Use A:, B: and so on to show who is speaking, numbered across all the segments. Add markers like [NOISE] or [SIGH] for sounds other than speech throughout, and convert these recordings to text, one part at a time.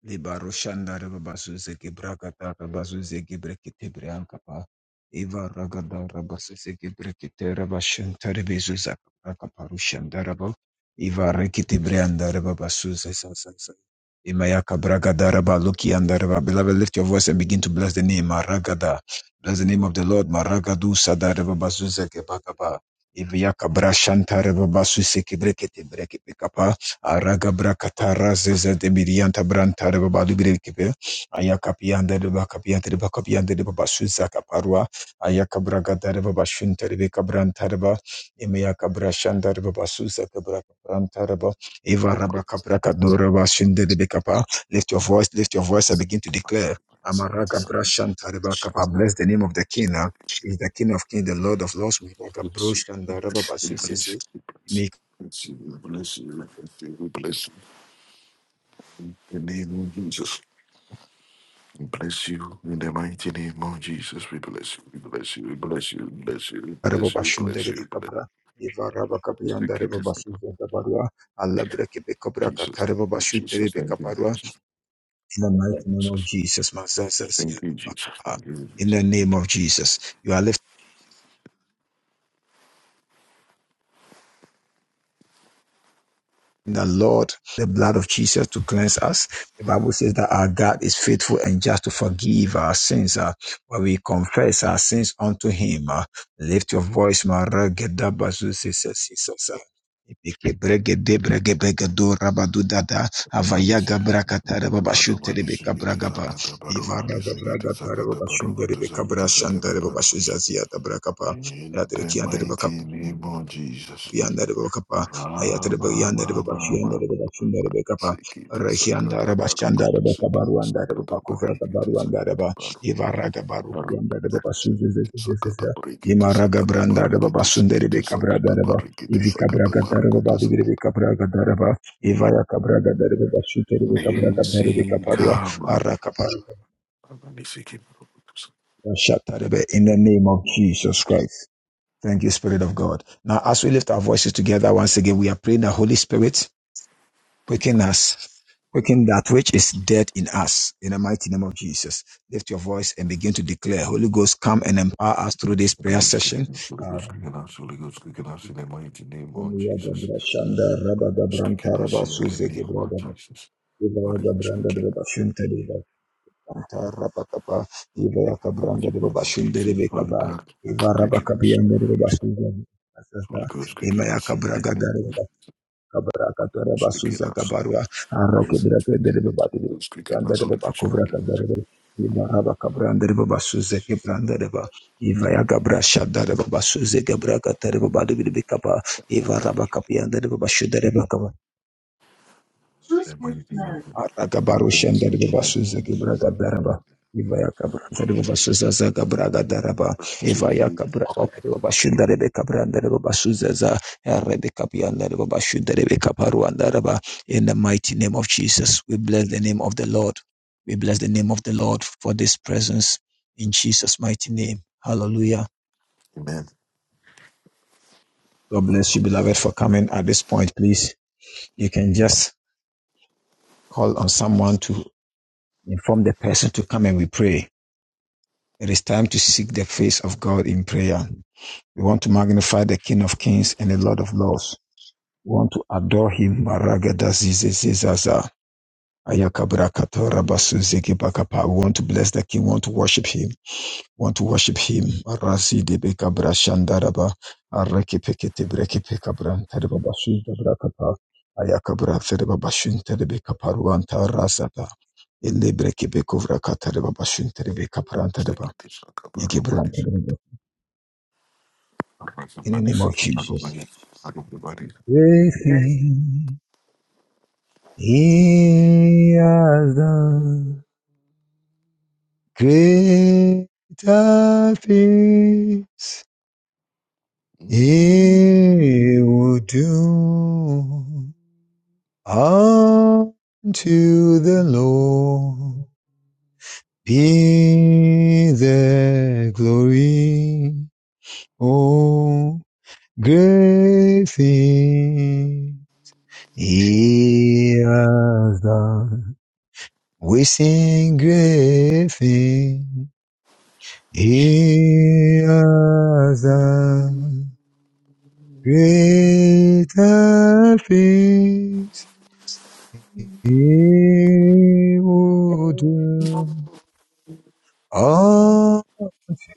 A: Libarushanda Rababasus Gibrakata Rabasus Gibrekite Briancapa Eva Ragada Rabasus Gibrekite Rabashan Terebezus Akaparushandara Rabo Eva Rekite Brianda Rababasus Sasasa Imayaka Bragada Rabaluki and Raba Beloved lift your voice and begin to bless the name Maragada Bless the name of the Lord Maragadu Sada Rababasus Gebakaba Eva Yaka Brashanta Rababasus Gibrekite Aragabra katara zeze de birianta branta Rebaba de baba lugre kibe. Ayakapianda de bakapianda de bakapianda de baba suza kaparwa. Ayakabra gada de baba shunta de beka branta de ba. Emeya kabra shanda de baba suza kabra branta de ba. Eva
B: In
A: rabra kabra kadora ba shunde de beka pa. Lift your voice, lift your voice and begin to declare.
B: the
A: Amaraga brashanta de baka pa. Bless the name of the king. Is the king of kings, the lord of lords. We like a brush and the rubber basu
B: name of Jesus, we bless you. In the mighty name of Jesus, we bless you. We bless you. We bless you. We bless you. We
A: Araba
B: bless you. We bless you. We bless
A: bashundere be
B: you.
A: Eva raba kapiyanda
B: Thank you,
A: reba
B: Jesus.
A: basuza kabarwa. Allah breke be
B: Thank
A: kabra
B: you, Jesus.
A: bashutere be
B: Thank you, Jesus.
A: In the mighty
B: Thank you,
A: name of
B: Jesus.
A: Jesus, Mazazas
B: Thank you, Jesus.
A: Yadabakapa.
B: Thank you, Jesus. Thank you,
A: In
B: Jesus.
A: the name
B: Thank you,
A: of
B: Jesus.
A: Jesus. you are the Lord, the blood of Jesus to cleanse us. The Bible says that our God is faithful and just to forgive our sins uh, when we confess our sins unto Him. uh. lift your voice, Maragedabazuzisesisasa. Ipikebregede bregebregedo rabadudada
B: Romani
A: avayaga
B: Sikiti
A: brakatara
B: Sakata Baromani
A: babashuntere beka
B: Sikiti
A: bragaba
B: Sakata Baromani
A: ivaraga
B: Sikiti
A: bragatara
B: Sakata
A: babashuntere
B: Barokutu
A: beka brashandere
B: Sakiti
A: babashuzazia da brakapa
B: In the
A: Ratrikian
B: mighty name of Jesus.
A: yanda da baba kapa ayata
B: Rama
A: da ba- yanda da
B: mama
A: baba shi yanda
B: mama.
A: da baba shi yanda da baba kapa
B: Sikiti
A: rahi yanda
B: sakata
A: da ba shi yanda da
B: barukutu
A: baba
B: sikiti sakata barikiti sakiti baru.
A: baru yanda da baba su
B: Sikiti sakata barikiti sakata
A: branda da baba
B: barikiti
A: sun
B: sikiti
A: kabra da
B: sakata barikiti
A: ivi kabra
B: sakata
A: ga da da baba
B: barukutu
A: da baba
B: sakata.
A: kabra ga da da ba ivara kabra ga da
B: Nisi kama. Nisiki barukutu sakata.
A: in the name of Jesus Christ Thank you, Spirit of God. Now, as we lift our voices together once again, we are praying the Holy Spirit. Quicken us. Quicken that which is dead in us. In the mighty name of Jesus. Lift your voice and begin to declare. Holy Ghost, come and empower us through
B: I'm
A: this
B: sorry,
A: prayer
B: I'm sorry,
A: session.
B: I'm sorry, I'm sorry, I'm sorry, I'm sorry, I'm sorry, in the mighty name of Jesus. Speaking us in the name of Jesus. Holy Ghost, quicken us. In the name of Jesus, Father God, quicken us. Holy Ghost, quicken us in the name
A: [LAUGHS]
B: of
A: Kabarakatara
B: Jesus. Quicken
A: basuza
B: us.
A: kabarwa
B: Holy Ghost,
A: arakedra
B: quicken
A: kedere
B: us. Holy
A: babadiri
B: Ghost, quicken us.
A: brandere
B: Holy Ghost,
A: babakuvra
B: quicken us.
A: kadere ibaraba kabrandere babasuze kebrandere ba ivaya gabra shadare babasuze gebra katere babadiri bikapa ivaraba kapiyandere babashudere
B: In The mighty name of Jesus. Quicken us
A: Rakabarushanda
B: in the mighty
A: Basuza
B: name
A: Gibraga Daraba. Ivaya Cabranda Basuza Zagabraga Daraba.
B: of
A: Ivaya
B: Jesus.
A: Cabraga Bashinda Rebecca Branda Basuza Rebecca Bianda Bashuda Rebecca Paruandaraba. In the mighty name of Jesus, we bless the name of the Lord. We bless the name of the Lord for this presence in Jesus' mighty name. Hallelujah.
B: Amen.
A: God bless you, beloved, for coming at this point. Please, you can just call on someone to inform the person to come and we pray. It is time to seek the face of God in prayer. We want to magnify the King of Kings and the Lord of Lords. We want to adore him. We want to bless the King. We want to worship him. We want to worship him.
B: Sekiti sakaba romani sekiti.
A: in the
B: Arasabani
A: name of
B: sekiti
A: Jesus.
B: arumani. Arumani.
A: Everything He has done greater things. He will do unto the Lord be the glory. Oh, great thing He has done. We sing great thing. He has done greater things. He will do unto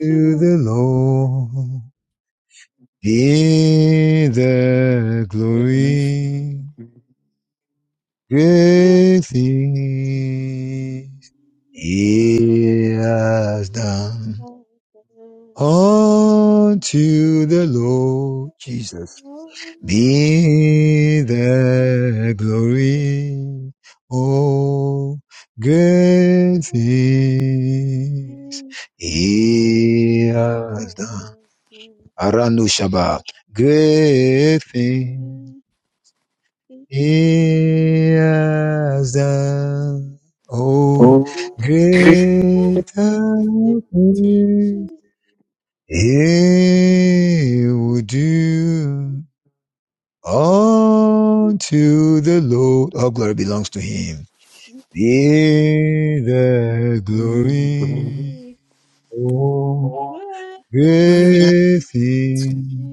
C: to
A: Lord. Be the
C: the
A: glory,
C: great
A: great things He has done. Unto the Lord Jesus be the glory. Oh, great things he has done. Aranu Shabbat. Great things he has done. Oh, great things. He will do unto the Lord. All glory belongs to him. Be the glory
B: Mm.
A: for everything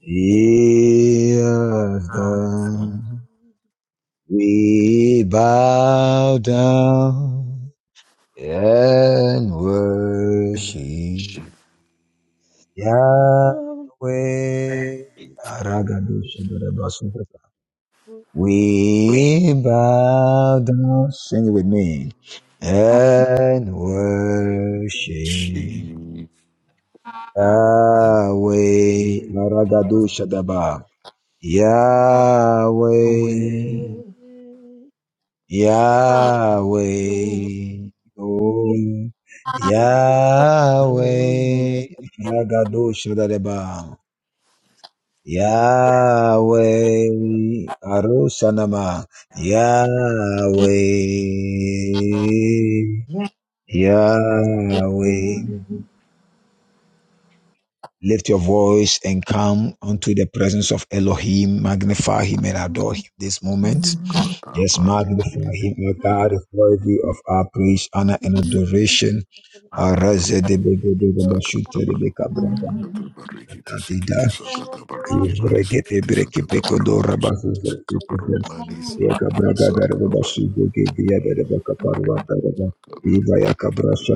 A: he has
B: Sakata
A: done. We bow down and worship Yahweh. Aragadoshadarabasu. We bow down, sing it with me, and worship
C: Oh, We thank you, for serving the Lord. We
A: Yahweh. Maragadu Shadaba. Yahweh,
D: Andrea,
A: Yahweh, oh, Yahweh. Maragadu Shadaba. Yahweh Arushanama Yahweh Yahweh Lift your voice and come unto the presence of Elohim. Magnify him and adore him this moment. Just magnify him, our God, is worthy of our praise, honor, and adoration. Arezedebedebedebashutedebekabrabadadadida.
C: thank the Lord for serving the Lord.
A: Ivregeteberekepekodorabazuzezezeze. Ibarabakabia
C: It's in the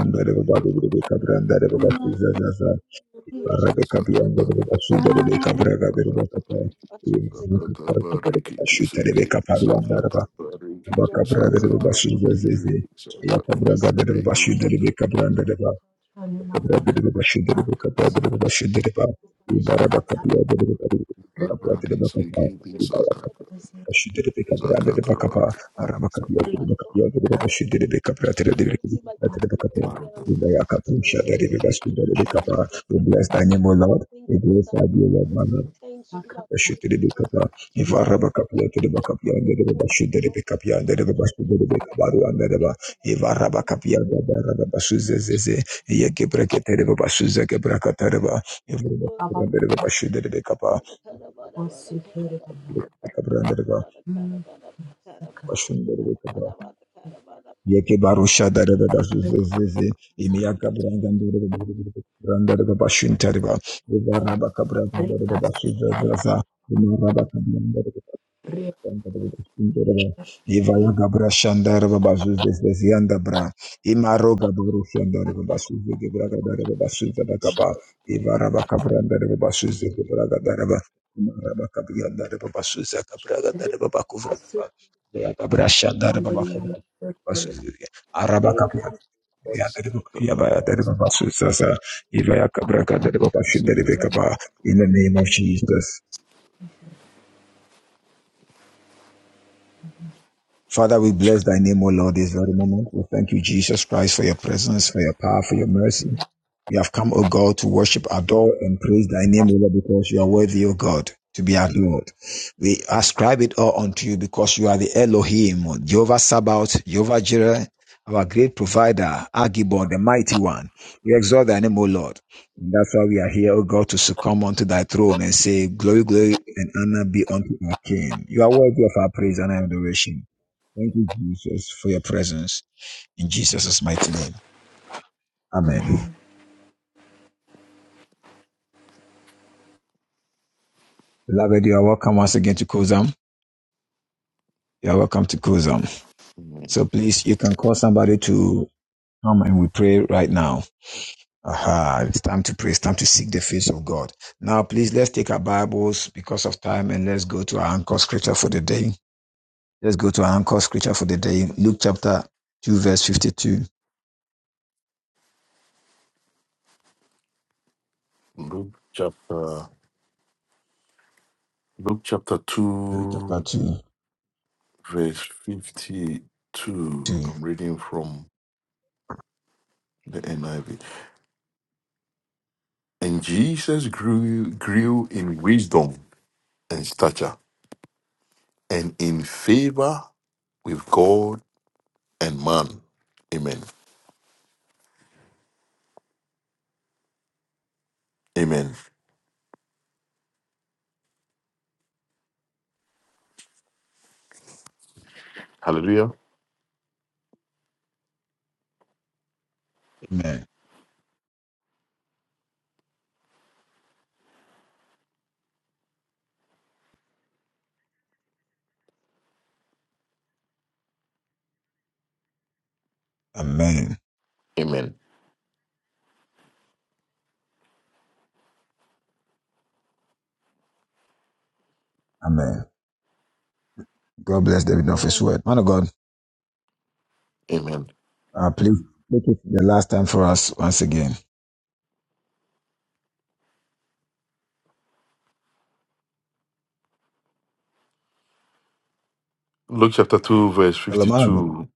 C: preparation of our Lord. We
B: Sakata barikiti sikiti sakata
C: your
B: barikiti
C: presence,
B: sakata
C: Father.
B: barikiti sakata
C: Mercy.
B: barikiti sakata barikiti sikiti
C: Jesus.
B: sakata
A: we
B: barikiti
A: bless
B: sakata
C: Lord,
B: barikiti
C: I find myself, Father, Lord, mercy by your grace, we are
B: imaruta
C: alive once again. Look at your prayer.
A: thy
C: Just
A: name, O Lord.
C: thank
A: We
C: you, sir.
A: glorify thee, O Lord, my
C: Give
A: Lord.
C: thanks to give up the name of God.
A: Ashitidibikapa.
C: Thank you,
A: Ivarabakapia,
C: thank you,
A: tidibakapia, ndedeba,
C: thank you, thank Lord, for this time.
A: shidibikapia, ndedeba,
C: Thank you,
A: shidibikabaru, andedeba.
C: Father. Thank
A: Ivarabakapia,
C: you,
A: ndadarababa, suzezeze. Iyekebreketereba, suzekebrakatereba.
C: Lord.
A: Ivarabakapia, ndedeba, shidibikapa.
C: Father, Father, Father, Father, Father, Father,
A: Ikabra, ndedeba,
C: Father, Father, Father,
A: bashundereba.
C: Father, Father, Father, Father.
A: Yeke barusha da da da da zu- zu- zu- zu. Imiya
B: barikiti
A: kabranga ndu da da da da da Branda da da ba shinta da ba. Uva raba kabranga da da da ba su za za za. Ima raba kabranga Ivaya Gabra Shandara Babasu Vesvianda Bra, Imaro Gabru Shandara Babasu Gebra Gadara Babasu Vedakapa, Ivaraba Cabranda Babasu Gebra Gadaraba, Imaraba Cabrianda Babasu Zakabra Gadara Babakuvra Kapa, Gabra Shandara Babakuvra Babasu Araba Cabrianda
B: sakata
A: Yabaya
B: barikiti
A: Babasu Sasa, Ivaya Cabra Gadara Babasu
B: sikiti.
A: Debekapa, in the name of Jesus. Father, we bless thy name, O Lord, this very moment. We thank you, Jesus Christ, for your presence, for your power, for your mercy. We have come, O God, to worship, adore, and praise thy name, O Lord, because you are worthy, O God, to be adored. We ascribe it all unto you because you are the Elohim, Jehovah Sabaoth, Jehovah Jireh, our great provider, Agibor, the mighty one. We exalt thy name, O Lord. And that's why we are here, O God, to succumb unto thy throne and say, Glory, glory, and honor be unto our King. You are worthy of our praise and adoration. Thank you, Jesus, for your presence. In Jesus' mighty name. Amen. Beloved, you are welcome once again to Kozam. You are welcome to Kozam.
B: Amen.
A: So please, you can call somebody to come and we pray right now. Aha, it's time to pray. It's time to seek the face of God. Now, please, let's take our Bibles because of time and let's go to our anchor scripture for the day. Let's go to our anchor scripture for the day. Luke chapter 2, verse 52.
B: Luke chapter Luke chapter
A: Luke chapter
B: two
A: 2,
B: verse fifty two.
A: 2.
B: I'm reading from the NIV. And Jesus grew grew in wisdom and stature and in favor with God and man. Amen. Amen. Hallelujah.
A: Amen. Amen.
B: Amen.
A: Amen. God bless the reading of his
C: Amen.
A: word. Man of God,
B: Amen.
A: Uh, please make it the last time for us once again.
B: Luke chapter 2, verse
A: Hello, man.
B: 52.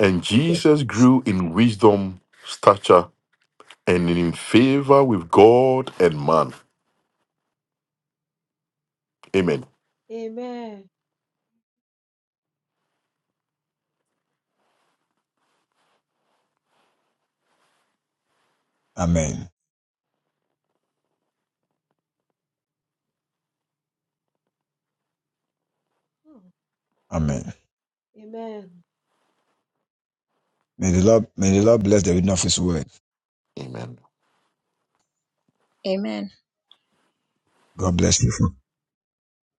B: And
A: Yes.
B: Jesus grew in wisdom, stature, and in favor with God and man. Amen.
C: Amen.
A: Amen.
C: Oh,
A: Amen.
C: Amen.
A: May the Lord may the Lord bless the reading of His word.
B: Amen.
E: Amen.
A: God bless you. For,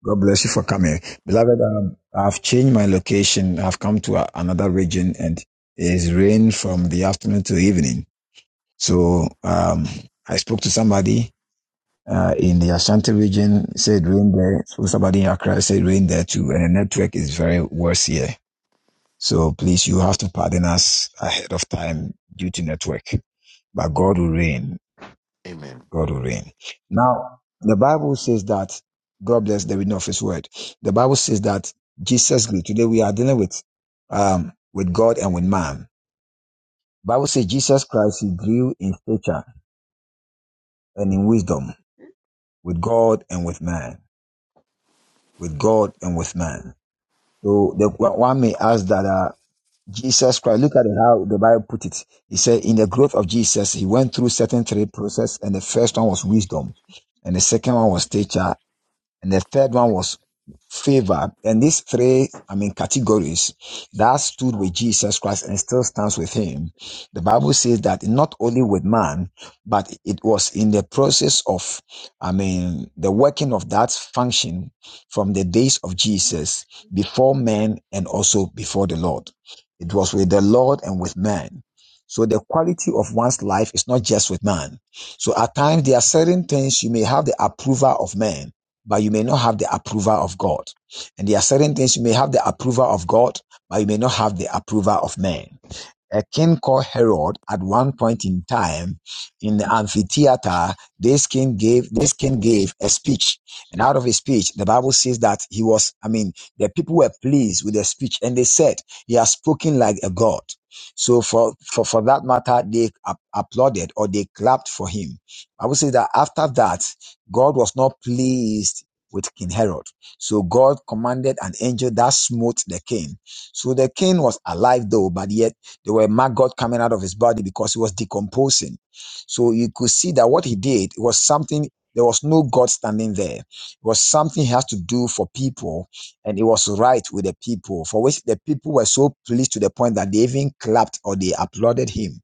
A: God bless you for coming, beloved. Um, I've changed my location. I've come to a, another region, and it is rain from the afternoon to evening. So um, I spoke to somebody uh, in the Ashanti region. Said rain there. So somebody in Accra said rain there too, and the network is very worse here. So please, you have to pardon us ahead of time due to network. But God will reign.
B: Amen.
A: God will
C: Amen.
A: reign. Now, the Bible says that, God bless the reading of his word. The Bible says that Jesus grew. Today we are dealing with, um, with God and with man. Bible says Jesus Christ, he grew in stature and in wisdom with God and with man, with God and with man. So the, one may ask that, uh, Jesus Christ. Look at how the Bible put it. He said, in the growth of Jesus, he went through certain three process, and the first one was wisdom, and the second one was teacher, and the third one was favor. And these three, I mean, categories that stood with Jesus Christ and still stands with him. The Bible says that not only with man, but it was in the process of, I mean, the working of that function from the days of Jesus before men and also before the Lord. It was with the Lord and with man. So the quality of one's life is not just with man. So at times there are certain things you may have the approval of man, but you may not have the approval of God. And there are certain things you may have the approval of God, but you may not have the approval of man a king called Herod at one point in time in the amphitheater, this king gave this king gave a speech. And out of his speech, the Bible says that he was, I mean, the people were pleased with the speech and they said he has spoken like a god. So for, for, for that matter, they ap- applauded or they clapped for him. I would say that after that, God was not pleased with King Herod. So God commanded an angel that smote the king. So the king was alive though, but yet there were maggots coming out of his body because he was decomposing. So you could see that what he did was something, there was no God standing there. It was something he has to do for people, and it was right with the people, for which the people were so pleased to the point that they even clapped or they applauded him.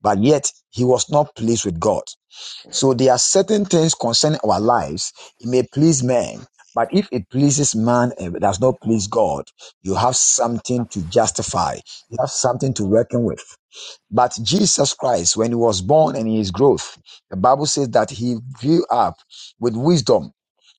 A: But yet, he was not pleased with God. So there are certain things concerning our lives. It may please men, but if it pleases man and does not please God, you have something to justify. You have something to reckon with. But Jesus Christ, when he was born and in his growth, the Bible says that he grew up with wisdom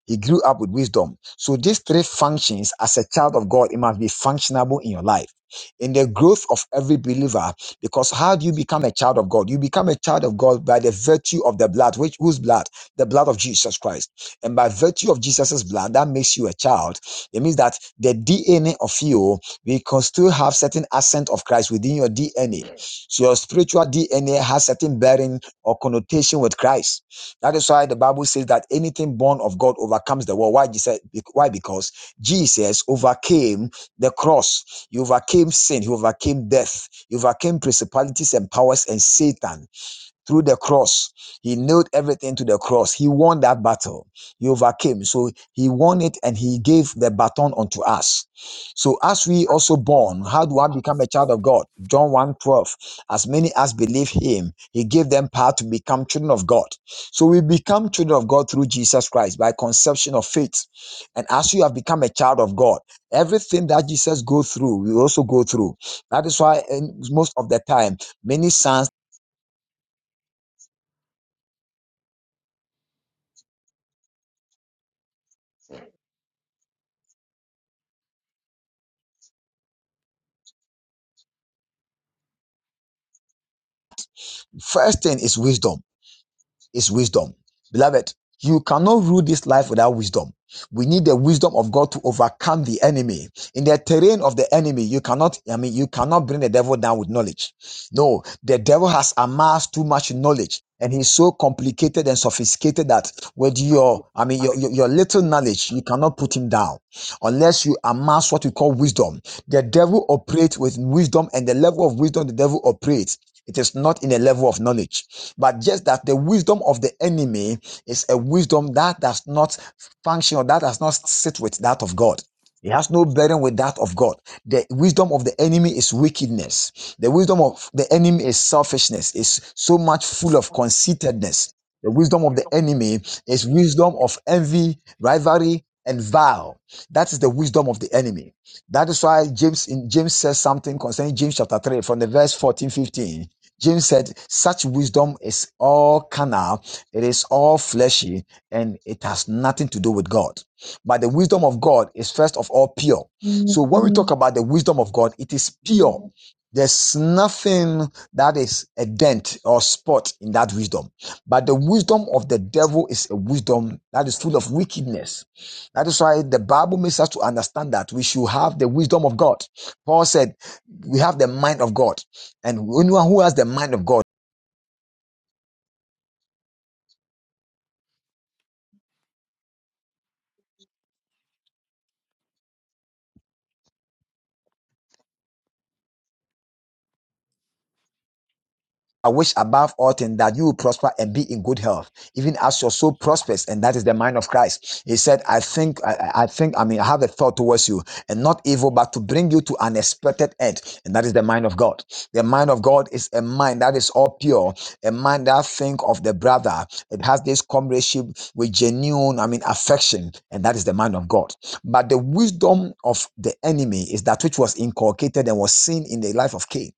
A: he grew up with wisdom. So these three functions as a child of God, it must be functionable in your life. In the growth of every believer, because how do you become a child of God? You become a child of God by the virtue of the blood, which whose blood? The blood of Jesus Christ. And by virtue of Jesus' blood, that makes you a child. It means that the DNA of you, we can still have certain accent of Christ within your DNA. So your spiritual DNA has certain bearing or connotation with Christ. That is why the Bible says that anything born of God overcomes the world. Why? Jesus, why? Because Jesus overcame the cross. He overcame sin. He overcame death. He overcame principalities and powers and Satan through the cross. He nailed everything to the cross. He won that battle. He overcame. So he won it and he gave the baton unto us. So as we also born, how do I become a child of God? John one twelve. As many as believe him, he gave them power to become children of God. So we become children of God through Jesus Christ by conception of faith. And as you have become a child of God, everything that Jesus go through, we also go through. That is why in most of the time, many sons First thing is wisdom. Is wisdom. Beloved, you cannot rule this life without wisdom. We need the wisdom of God to overcome the enemy. In the terrain of the enemy, you cannot, I mean, you cannot bring the devil down with knowledge. No, the devil has amassed too much knowledge and he's so complicated and sophisticated that with your, I mean, your, your,
B: Amen.
A: your little knowledge, you cannot put him down unless you amass what we call wisdom. The devil operates with wisdom and the level of wisdom the devil operates, it is not in a level of knowledge but just that the wisdom of the enemy is a wisdom that does not function or that does not sit with that of God. It has no bearing with that of God. The wisdom of the enemy is wickedness. The wisdom of the enemy is selfishness, is so much full of conceitedness. The wisdom of the enemy is wisdom of envy, rivalry, and vile. That is the wisdom of the enemy. That is why James in James says something concerning James chapter 3 from the verse 14 15. James said, such wisdom is all carnal, it is all fleshy, and it has nothing to do with God. But the wisdom of God is first of all pure. So when we talk
C: Mhm.
A: about the wisdom of God, it is pure. There's nothing that is a dent or spot in that wisdom. But the wisdom of the devil is a wisdom that is full of wickedness. That is why the Bible makes us to understand that we should have the wisdom of God. Paul said, we have the mind of God. And anyone who has the mind of God, I wish above all things that you will prosper and be in good health, even as your soul prospers. And that is the mind of Christ. He said, I think, I, I think, I mean, I have a thought towards you and not evil, but to bring you to an expected end. And that is the mind of God. The mind of God is a mind that is all pure, a mind that think of the brother. It has this comradeship with genuine, I mean, affection. And that is the mind of God. But the wisdom of the enemy is that which was inculcated and was seen in the life of Cain.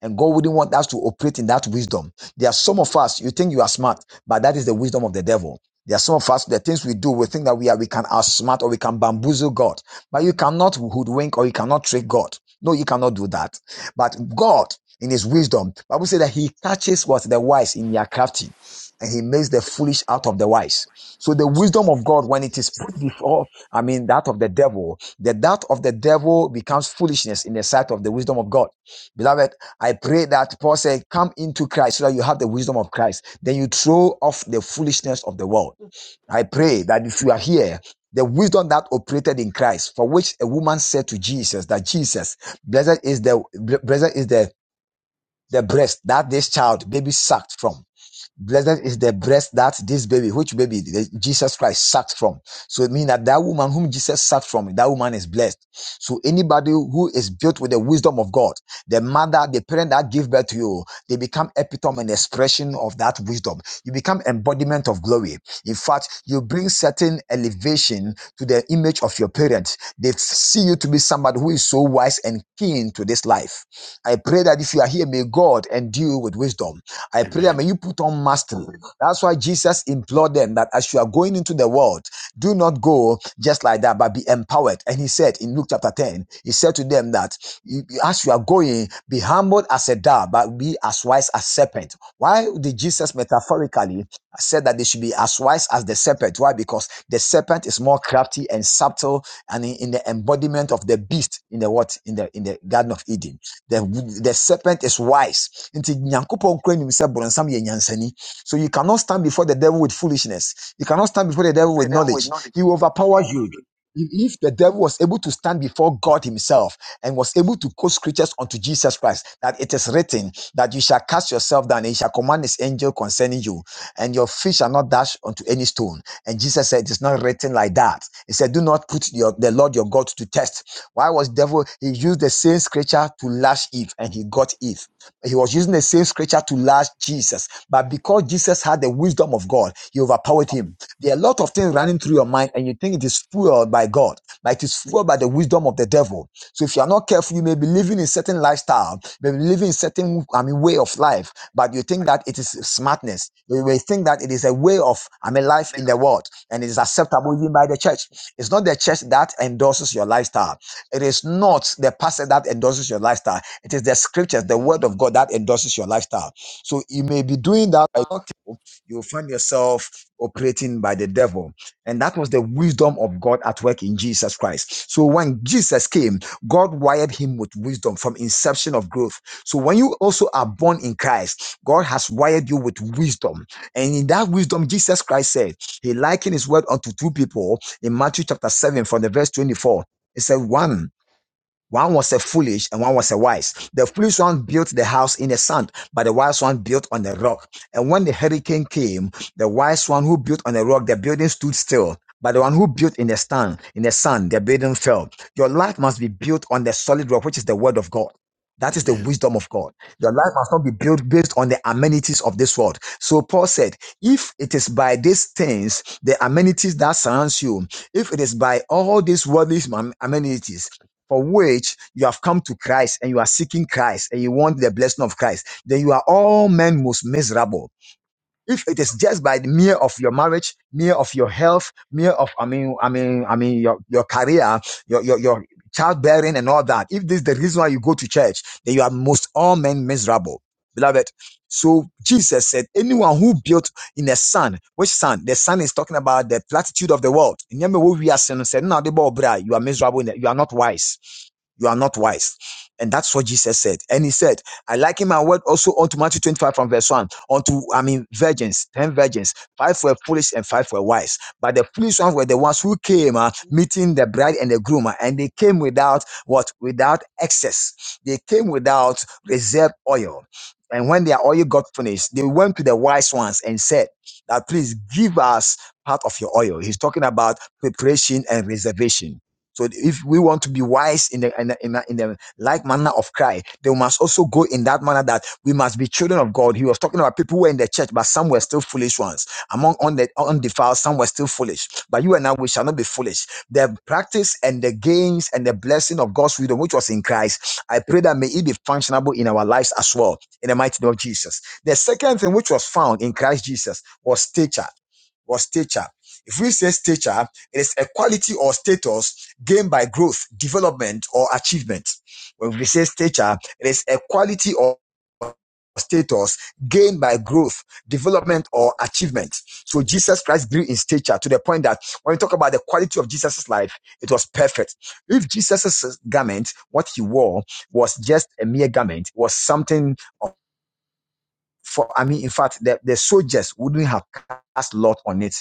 A: And God wouldn't want us to operate in that wisdom. There are some of us, you think you are smart, but that is the wisdom of the devil. There are some of us, the things we do, we think that we are, we can outsmart or we can bamboozle God. But you cannot hoodwink or you cannot trick God. No, you cannot do that. But God, in his wisdom, Bible says that he catches what the wise in their crafty and he makes the foolish out of the wise. So the wisdom of God, when it is put before, I mean, that of the devil, the that of the devil becomes foolishness in the sight of the wisdom of God. Beloved, I pray that Paul said, Come into Christ so that you have the wisdom of Christ. Then you throw off the foolishness of the world. I pray that if you are here, the wisdom that operated in Christ, for which a woman said to Jesus that Jesus, blessed is the blessed is the the breast that this child baby sucked from. Blessed is the breast that this baby, which baby Jesus Christ sucked from. So it means that that woman whom Jesus sucked from, that woman is blessed. So anybody who is built with the wisdom of God, the mother, the parent that give birth to you, they become epitome and expression of that wisdom. You become embodiment of glory. In fact, you bring certain elevation to the image of your parents. They see you to be somebody who is so wise and keen to this life. I pray that if you are here, may God endue you with wisdom. I pray that
B: Amen.
A: may you put on mastery. That's why Jesus implored them that as you are going into the world, do not go just like that, but be empowered. And he said in Luke chapter 10, he said to them that as you are going, be humble as a dove, but be as wise as serpent. Why did Jesus metaphorically said that they should be as wise as the serpent? Why? Because the serpent is more crafty and subtle and in, in the embodiment of the beast in the what in the in the Garden of Eden. The, the serpent is wise. Nti Nyankopɔn koraa nim sɛ borɔnsam yɛ nyansani. So you cannot stand before the devil with foolishness. You cannot stand before the devil with knowledge. He will overpower you. If if the devil was able to stand before God himself and was able to quote scriptures unto Jesus Christ, that it is written that you shall cast yourself down and he shall command his angel concerning you, and your feet shall not dash unto any stone. And Jesus said, It is not written like that. He said, Do not put your, the Lord your God to test why was devil? He used the same scripture to lash Eve, and he got Eve. He was using the same scripture to lash Jesus, but because Jesus had the wisdom of God, he overpowered him. There are a lot of things running through your mind, and you think it is fueled by God, but it is fueled by the wisdom of the devil. So if you are not careful, you may be living in certain lifestyle, may be living in certain I mean way of life, but you think that it is smartness. You may think that it is a way of I mean life in the world and it is acceptable even by the church. It's not the church that endorses your lifestyle. It is not the pastor that endorses your lifestyle. It is the scriptures, the word of God that endorses your lifestyle. So you may be doing that by not you'll find yourself operating by the devil. And that was the wisdom of God at work in Jesus Christ. So when Jesus came, God wired him with wisdom from inception of growth. So when you also are born in Christ, God has wired you with wisdom. And in that wisdom, Jesus Christ said, He likened his word unto two people in Matthew chapter 7 from the verse 24. It's a one. One was a foolish and one was a wise. The foolish one built the house in the sand, but the wise one built on the rock. And when the hurricane came, the wise one who built on the rock, the building stood still. But the one who built in the sand, in the sand, the building fell. Your life must be built on the solid rock, which is the word of God. That is the
B: Amen.
A: wisdom of God. Your life must not be built based on the amenities of this world. So Paul said, if it is by these things, the amenities that surrounds you, if it is by all these worldly am- amenities, for which you have come to Christ and you are seeking Christ and you want the blessing of Christ, then you are all men most miserable if it is just by the mere of your marriage, mere of your health, mere of I mean, I mean, I mean your your career, your your your childbearing and all that. If this is the reason why you go to church, then you are most all men miserable. Beloved. So Jesus said, anyone who built in a sun, which sun? The sun is talking about the platitude of the world. Remember what we are saying, said, no, the ball, bra, you are miserable, you are not wise. You are not wise. And that's what Jesus said. And he said, I liken my word also unto Matthew 25 from verse 1. Unto, I mean, virgins, 10 virgins. Five were foolish and five were wise. But the foolish ones were the ones who came, uh, meeting the bride and the groom, uh, and they came without what? Without excess. They came without reserve oil. And when their oil got finished, they went to the wise ones and said, that please give us part of your oil. He's talking about preparation and reservation. So if we want to be wise in the in the, in the, like manner of cry. They must also go in that manner that we must be children of God. He was talking about people who were in the church, but some were still foolish ones. Among unde- undefiled, some were still foolish. But you and I, we shall not be foolish. The practice and the gains and the blessing of God's freedom, which was in Christ, I pray that may it be functionable in our lives as well, in the mighty name of Jesus. The second thing which was found in Christ Jesus was stature or stature. If we say stature, it is a quality or status gained by growth, development, or achievement. When we say stature, it is a quality or status gained by growth, development, or achievement. So Jesus Christ grew in stature to the point that when we talk about the quality of Jesus' life, it was perfect. If Jesus' garment, what he wore, was just a mere garment, was something for I mean, in fact, the, the soldiers wouldn't have cast lot on it.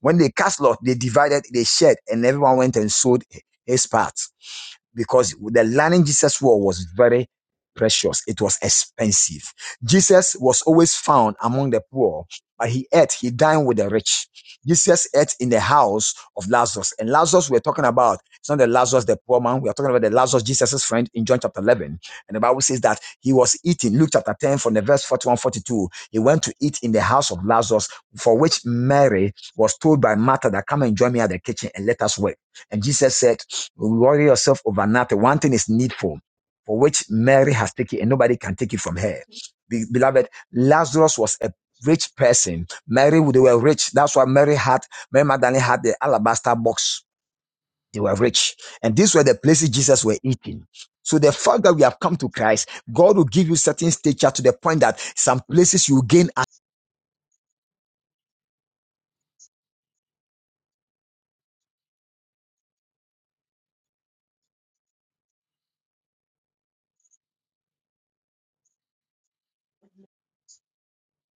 A: When they cast lot, they divided, they shared, and everyone went and sold his part because the learning Jesus wore was very precious. It was expensive. Jesus was always found among the poor, but he ate, he dined with the rich. Jesus ate in the house of Lazarus. And Lazarus we're talking about, it's not the Lazarus, the poor man. We are talking about the Lazarus, Jesus' friend in John chapter 11. And the Bible says that he was eating, Luke chapter 10 from the verse 41 42, He went to eat in the house of Lazarus, for which Mary was told by Martha that come and join me at the kitchen and let us work. And Jesus said, Worry yourself over nothing. One thing is needful, for which Mary has taken, and nobody can take it from her. Be- beloved, Lazarus was a rich person. Mary, they were rich. That's why Mary had, Mary Magdalene had the alabaster box. They were rich. And these were the places Jesus were eating. So the fact that we have come to Christ, God will give you certain stature to the point that some places you gain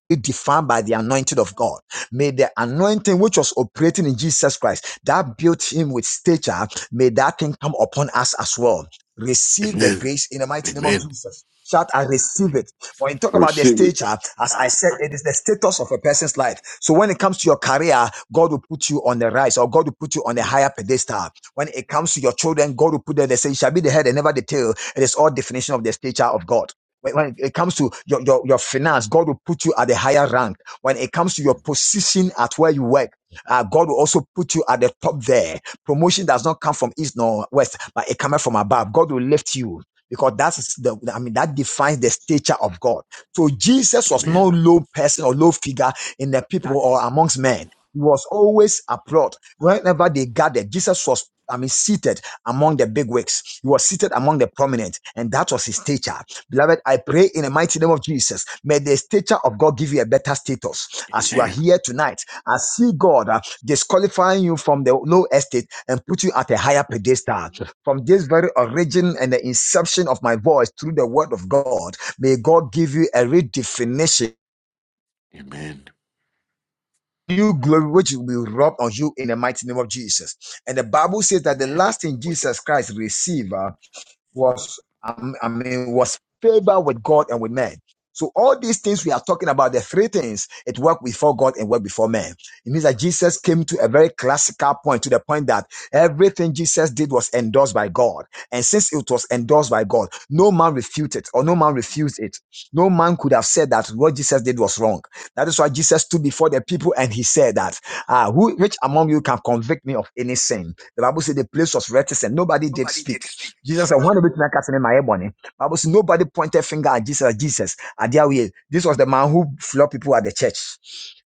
A: be defined by the anointing of God. May the anointing which was operating in Jesus Christ that built him with stature, may that thing come upon us as well. Receive the grace in the mighty name of
B: Amen.
A: Jesus. Shout, I receive
B: Amen.
A: it. When you talk
B: I
A: about the
B: receive it.
A: stature, as I said, it is the status of a person's life. So when it comes to your career, God will put you on the rise or God will put you on a
B: Amen.
A: higher pedestal. When it comes to your children, God will put them, they say, you shall be the head and never the tail. It is all definition of the stature of God when, when it comes to your, your, your finance, God will put you at a higher rank. When it comes to your position at where you work, uh, God will also put you at the top there. Promotion does not come from east nor west, but it comes from above. God will lift you because that's the, I mean, that defines the stature of God. So Jesus was no
B: Amen.
A: low person or low figure in the people or amongst men. He was always abroad. Whenever they gathered, Jesus was, I mean, seated among the big wigs. He was seated among the prominent, and that was his stature. Beloved, I pray in the mighty name of Jesus. May the stature of God give you a better status as you are
B: Amen.
A: here tonight. I see God uh, disqualifying you from the low estate and put you at a higher pedestal. From this very origin and the inception of my voice through the word of God, may God give you a redefinition.
B: Amen.
A: New glory which will be rubbed on you in the mighty name of Jesus. And the Bible says that the
B: Amen.
A: last thing Jesus Christ received uh, was um, I mean was favor with God and with men. So all these things we are talking about, the three things, it worked before God and worked before men. It means that Jesus came to a very classical point, to the point that everything Jesus did was endorsed by God. And since it was endorsed by God, no man refuted or no man refused it. No man could have said that what Jesus did was wrong. That is why Jesus stood before the people and he said that, ah, who, which among you can convict me of any sin? The Bible said the place was reticent. Nobody did
B: Nobody
A: speak.
B: did speak.
A: Jesus said, One of it casting in my ebony. Bible says nobody pointed finger at Jesus. Jesus, at their way. This was the man who flogged people at the church.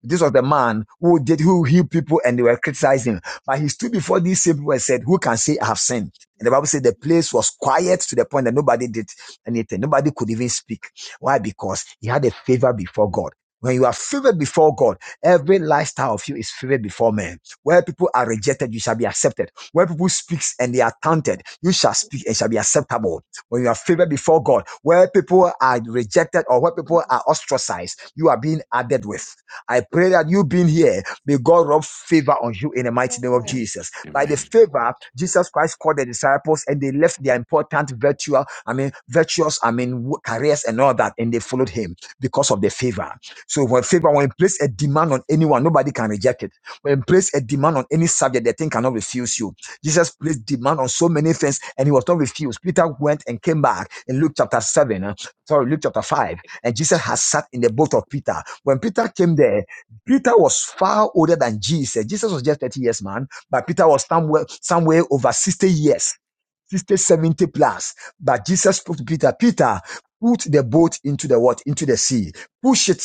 A: This was the man who did who healed people and they were criticizing. him. But he stood before these same people and said, Who can say I have sinned? And the Bible said the place was quiet to the point that nobody did anything. Nobody could even speak. Why? Because he had a favor before God. When you are favored before God, every lifestyle of you is favored before men. Where people are rejected, you shall be accepted where people speaks and they are taunted, you shall speak and shall be acceptable. When you are favored before God, where people are rejected or where people are ostracized, you are being added with. I pray that you being here, may God rub favor on you in the mighty name of
B: Amen.
A: Jesus. By the
B: Amen.
A: favor, Jesus Christ called the disciples and they left their important virtual, I mean, virtuous, I mean, wo- careers and all that, and they followed him because of the favor. So when favor, when you place a demand on anyone, nobody can reject it. When you place a demand on any subject, the thing cannot refuse you. Jesus placed demand on so many things and he was not refused. Peter went and came back in Luke chapter 7, uh, sorry, Luke chapter 5. And Jesus has sat in the boat of Peter. When Peter came there, Peter was far older than Jesus. Jesus was just 30 years, man, but Peter was somewhere, somewhere over 60 years, 60 70 plus. But Jesus spoke to Peter, Peter, put the boat into the what? Into the sea. Push it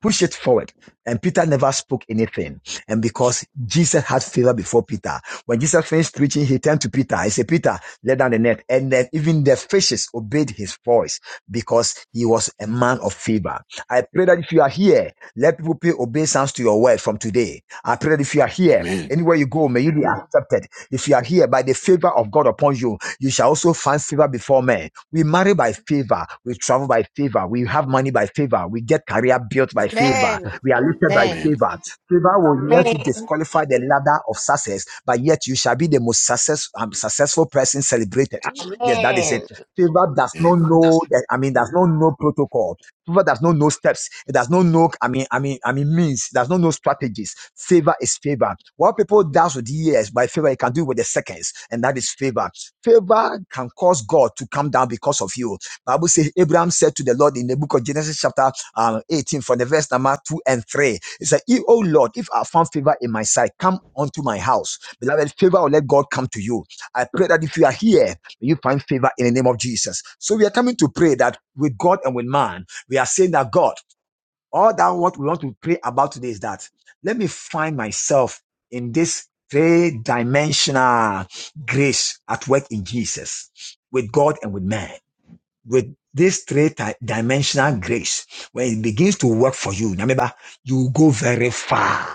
A: push it forward. And Peter never spoke anything. And because Jesus had favor before Peter, when Jesus finished preaching, he turned to Peter. He said, Peter, let down the net. And then even the fishes obeyed his voice because he was a man of favor. I pray that if you are here, let people pay obeisance to your word from today. I pray that if you are here,
B: Amen.
A: Anywhere you go, may you be accepted. If you are here by the favor of God upon you, you shall also find favor before men. We marry by favor. We travel by favor. We have money by favor. We get career built by favor.
F: Amen.
A: We are lifted by
B: Amen.
A: favor. Favor will let you
G: Amen.
A: disqualify the ladder of success, but yet you shall be the most success, um, successful person celebrated. Yes, that is it.
G: Amen.
A: Favor does
B: Amen.
A: not know that, I mean, does not know protocol. Favor does not know steps. It does not know, I mean, I mean, I mean, means. It does not know strategies. Favor is favor. What people does with years, by favor, it can do it with the seconds. And that is favor. Favor can cause God to come down because of you. Bible says Abraham said to the Lord in the book of Genesis chapter um, 18 from the verse number 2 and 3. He said, "If- Oh Lord, if I found favor in my sight, come unto my house. Beloved, favor will let God come to you. I pray that if you are here, may you find favor in the name of Jesus. So we are coming to pray that with God and with man. We are saying that God, all that what we want to pray about today is that let me find myself in this three dimensional grace at work in Jesus with God and with man with this three ti- dimensional grace, when it begins to work for you, remember, you go very far.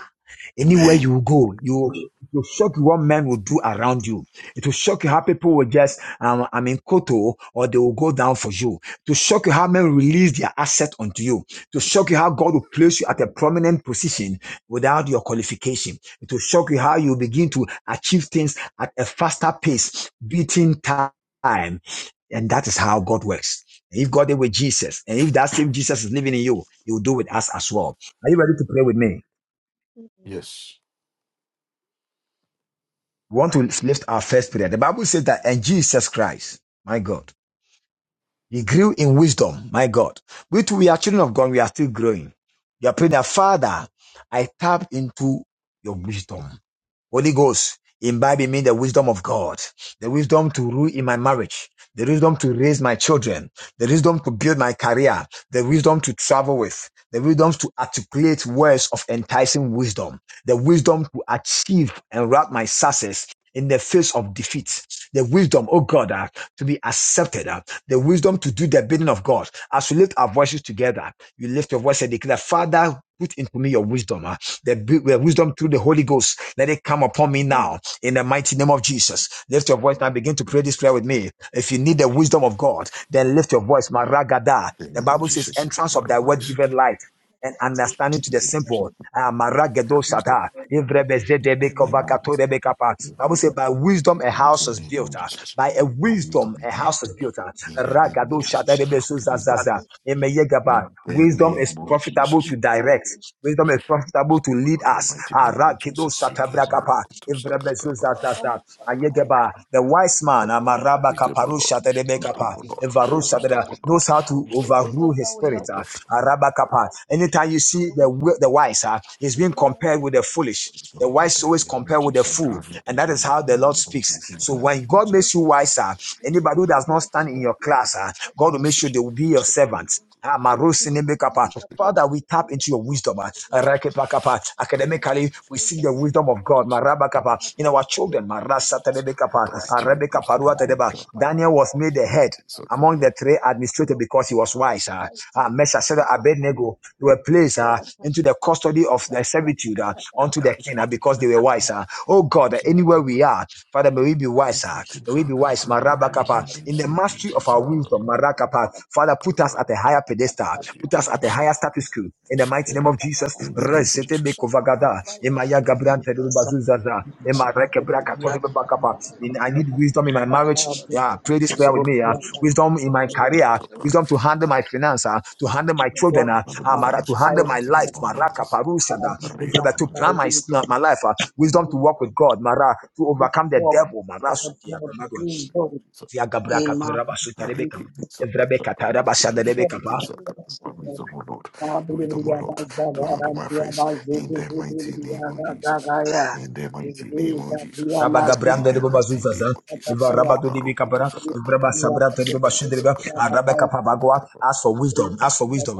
A: Anywhere
B: Amen.
A: you go, you it will shock you what men will do around you. It will shock you how people will just, um, I mean, koto, or they will go down for you. To shock you how men will release their asset onto you. To shock you how God will place you at a prominent position without your qualification. It will shock you how you begin to achieve things at a faster pace, beating time. And that is how God works. If God did with Jesus, and if that same Jesus is living in you, He will do with us as well. Are you ready to pray with me?
B: Yes.
A: We want to lift our first prayer. The Bible says that, and Jesus Christ, my God, He grew in wisdom, my God. We too, we are children of God, we are still growing. We are praying that, Father, I tap into your wisdom. Holy Ghost, imbibe in me the wisdom of God, the wisdom to rule in my marriage, the wisdom to raise my children, the wisdom to build my career, the wisdom to travel with, the wisdom to articulate words of enticing wisdom, the wisdom to achieve and wrap my success in the face of defeat, the wisdom, oh God, ah, to be accepted, ah, the wisdom to do the bidding of God. As we lift our voices together, you lift your voice and declare, Father, put into me your wisdom. ah. The uh, wisdom through the Holy Ghost, let it come upon me now in the mighty name of Jesus. Lift your voice now. Begin to pray this prayer with me. If you need the wisdom of God, then lift your voice. Maragada.
B: In
A: The
B: the name of
A: Bible says,
B: Jesus. in the
A: entrance of thy
B: name of
A: word
B: Jesus,
A: given
B: seeking.
A: light and understanding to the
B: Your
A: simple. Ah, Maragedo
B: wisdom.
A: Shata.
B: In the name of Jesus. Your
A: Bible says,
B: wisdom.
A: by wisdom a
B: In the
A: house is
B: name of
A: built. ah.
B: Jesus.
A: By a
B: Your wisdom
A: wisdom
B: in
A: a
B: me.
A: house is built. ah.
B: In the name of
A: Ragadusha
B: Jesus. Your wisdom.
A: Dedebesuzazaza. Emeyegaba.
B: In the
A: Wisdom
B: name
A: is
B: of
A: profitable
B: Jesus.
A: to direct. Wisdom is profitable
B: Wisdom,
A: to
B: O
A: lead
B: Lord, in the
A: us.
B: mighty name of Jesus.
A: Arakidusha
B: Seek him
A: Tabrakapa.
B: out.
A: Evrebezuzazaza. Ayegaba. The wise man,
B: Lord.
C: wisdom
A: Amaraba
C: that
B: Wisdom,
C: will
B: O
C: guide
B: Lord.
A: Kaparusha
C: you, wisdom
B: Wisdom,
A: Dedebekapa.
C: that
B: O
C: will
B: Lord.
C: show you the
A: Evarusha
B: Wisdom,
A: Dede-
B: O Lord. Wisdom,
C: way,
B: O Lord.
A: knows how to
B: Wisdom, O
A: overrule
C: wisdom that
A: his
C: will
A: spirit.
C: help
A: ah.
B: Lord.
C: you, the
A: Araba
C: best
A: Kapa.
C: way,
A: Anytime you see
C: the
A: the,
C: wisdom that
A: wi- the wise, ah, he's
C: you
A: being
C: can learn from
A: compared
C: the
A: with the foolish.
C: people
B: Wisdom
A: The
B: in
A: wise
B: the
A: always
B: name of
A: compare with the
C: of
B: Jesus
A: fool.
B: Christ.
C: wisdom,
A: And that is how
B: Wisdom in the
A: the
C: not
A: Lord
B: name of
A: speaks.
C: Jesus.
B: Jesus Christ.
A: So when
B: Wisdom in the
A: God
C: Your wisdom,
A: makes you
C: your
A: wiser, Anybody who does not
C: wisdom,
A: stand in your
C: your
A: class, ah,
C: wisdom, not
A: God will make sure they
B: situation.
A: will be your
B: Sakabaru,
A: servants.
C: Jesus.
A: Ah,
C: Your
A: Marusi
C: wisdom,
B: Sakabaru,
C: your
A: Nemekapa.
C: wisdom, your wisdom, your
A: Father, we tap into
C: wisdom,
A: your wisdom. ah.
C: your wisdom, not
A: Rakepakapa.
B: Gitaris,
A: Academically, we see the wisdom of God. Marabakapa.
B: Tabiki,
A: In our children,
B: Jesus.
A: Marasatanebekapa.
B: Tabiki, to your wisdom,
A: Arabekaparuatadeba.
B: Rika, Baba,
A: Daniel was made the head among the
B: Sakabaru.
A: three administrators because he was wise. Uh,
C: Mighty name
A: uh,
C: of
A: Meshachel
C: Jesus.
A: Abednego they were
C: Thank
A: placed ah, into the custody of the servitude ah, unto the king ah, because they were wise. ah. oh God, anywhere we are, Father, may we be wiser.
B: Riki,
A: May we be wise,
B: Sakata, Bari,
A: Marabakapa,
B: Mandi,
A: in the
B: Siki,
A: mastery of our
B: Sakata,
A: wisdom, Marakapa. Father, put us at a higher pedestal, put
B: Sakiti,
A: us at a higher status quo. In the mighty name
B: Father,
A: of Jesus,
B: in the name of
A: Resete
B: Jesus.
A: Bekovagada, Emaya
B: Father,
A: Gabriante Bazuzaza, Emareke Brakatoni Bakapa. In- I need wisdom in my marriage. Yeah, pray this prayer with me. Yeah. Wisdom in my career, wisdom to handle my finances, to handle my children, Ah, uh,
B: make our
A: Mara- to
B: houses in the
A: handle my
B: mighty
A: life,
B: name of
A: Maraka
B: Jesus.
A: Parusada, in
B: Hare
A: order to
B: Mama.
A: plan my, my life. ah, Wisdom to walk with God, Mara, to overcome the devil, Mara, Sukia, Tamado, Zia Gabra, Katura, Basuta,
B: Hare
A: Rebeka,
B: Kiti
A: Evrebe,
B: Sakata
A: Katara,
B: Paruku to
A: Basada, Rebeka,
B: Shikiti Sakata. Wisdom, O Lord. Wisdom, O Lord, to handle my face in the mighty name of Jesus. In the mighty name of Jesus.
A: Rabba
B: In
A: Gabrianda,
B: the
A: Rebbe
B: mighty name
A: Bazuzaza,
B: of Jesus.
A: Rabba
B: Siki
A: Dodibi
B: Paruku to
A: Kapara,
B: Sakata
A: Evreba
B: Paruku
A: Sabra,
B: to
A: Teriba
B: Shikiti
A: Bashindriba,
B: Sakata
A: Arabe
H: Amen.
A: Kapabagua, ask for wisdom, ask
H: Gabriel,
A: for wisdom,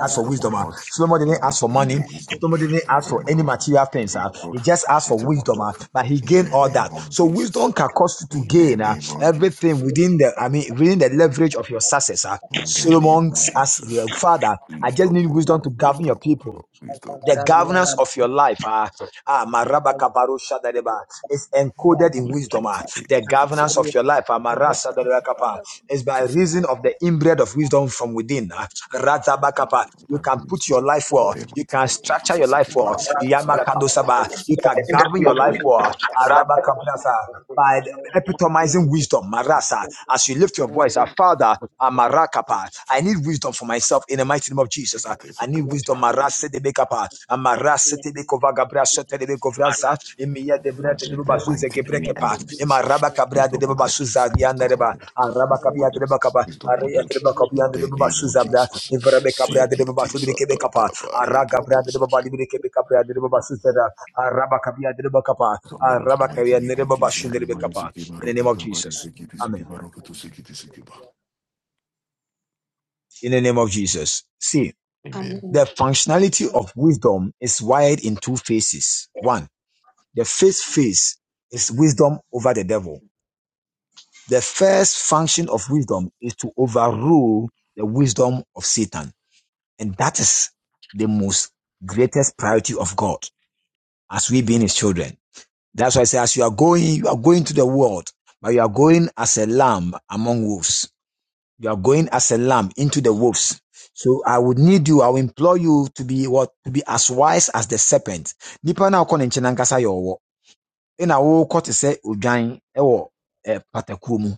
A: ask for
B: O
A: wisdom. ah.
B: Lord,
A: Solomon didn't
B: Father,
A: ask for
B: give me
A: money.
C: you.
B: wisdom,
A: Solomon didn't ask
B: wisdom,
A: for
B: O
A: any
B: Lord,
A: material things.
B: wisdom,
A: ah.
B: O Lord,
A: He just asked for
B: wisdom, O
A: wisdom,
B: Lord,
A: ah, but he
B: in
A: gained
B: the
A: all
B: name
A: that.
B: of
A: So wisdom
B: Jesus,
A: can cause you to
B: in the
A: gain ah,
B: name of
A: everything
B: Jesus,
A: within the, I mean, within the leverage of your success. ah.
B: in the name
A: Solomon
B: of
A: asked
B: Jesus,
A: the father, I just
B: wisdom,
A: need
B: O Lord,
A: wisdom to govern your
B: wisdom, O
A: people
B: Lord, wisdom, O
A: the
B: Lord,
A: governance of your life ah, ah, maraba baro shadareba, is encoded in
B: the
A: wisdom. ah.
B: mighty name
A: The
B: of Jesus,
A: governance of
B: wisdom,
A: your life ah,
B: in
A: marasa
B: the mighty
A: darebakapa, is by
B: Jesus,
A: reason of the inbred of wisdom from within. ah. Razabakapa. You
B: Father,
A: can put
B: wisdom,
A: your life
B: in
A: well.
B: the
A: You
B: mighty
A: can
B: name of
A: structure your
B: Jesus,
A: life
I: The
A: well.
B: Ekibaro go to Sakata
I: Bible
A: Yamakandosaba.
B: Barikita
A: You
B: Sikita
A: can govern
B: Sakata
A: your life well.
B: Barikita
A: Arabakabrasa. By the- epitomizing wisdom.
B: Sakata
A: Marasa. As you lift your voice, ah, Father, ah, marakapa, I
B: Barikita
A: need
B: Sakata
A: wisdom for myself in the mighty name of Jesus. Jesus. uh,
B: Barikita
A: I need
B: Sakata Barikita
A: wisdom.
B: Sakata
A: Marase de bekapa. Amarase te bekova gabra sote de
B: Barikita
A: bekovransa. Emiya de bra
B: Lord,
A: de
B: in
A: deba
H: Magambo
B: the
A: bazuze
B: mighty name of
A: gebrekepa. Ema
B: Jesus,
A: raba kabra de
B: wisdom, O
A: deba
B: Lord,
A: basuza yanda
B: wisdom, O
A: reba.
B: Lord,
A: Araba
B: wisdom, O
A: kabia de
B: Lord,
A: deba kapa.
B: wisdom, O
A: Areya de
B: Lord,
A: deba kapia
B: in
A: de
B: the
A: deba
B: name of
A: basuza bra.
B: Jesus.
A: Evra be kabra de
B: Seek
A: deba
B: it,
A: basu de kebe
B: Isakata,
A: kapa. Araga
B: Bariki,
A: bra de deba
B: Isaka.
A: bali de kebe kabra de deba basuza da. Araba kabia de deba kapa.
B: Wisdom, O Lord, in
A: Araba
B: the mighty
A: kabia
B: name
A: de
B: of
A: deba
B: Jesus.
A: bashin de deba
B: Arimane,
A: kapa.
B: Siki,
A: In the
B: Baruka,
A: name of
B: Tabari,
A: Jesus.
B: Siki,
A: Amen.
B: Siki, Baruka, to Siki, Siki, Ba.
A: In the name of Jesus. See.
B: Amen.
A: The functionality of wisdom is wired in two phases. One, the first phase is wisdom over the devil. The first function of wisdom is to overrule the wisdom of Satan. And that is the most greatest priority of God as we being his children. That's why I say, as you are going, you are going to the world, but you are going as a lamb among wolves. You are going as a lamb into the wolves. So I would need you, I will implore you to be what to be as wise as the serpent. Nipa na wokɔ ne nkyɛn ankasa yɛ ɔwɔ. Ɛna wokɔ te sɛ odwan ɛwɔ eh, patakuo mu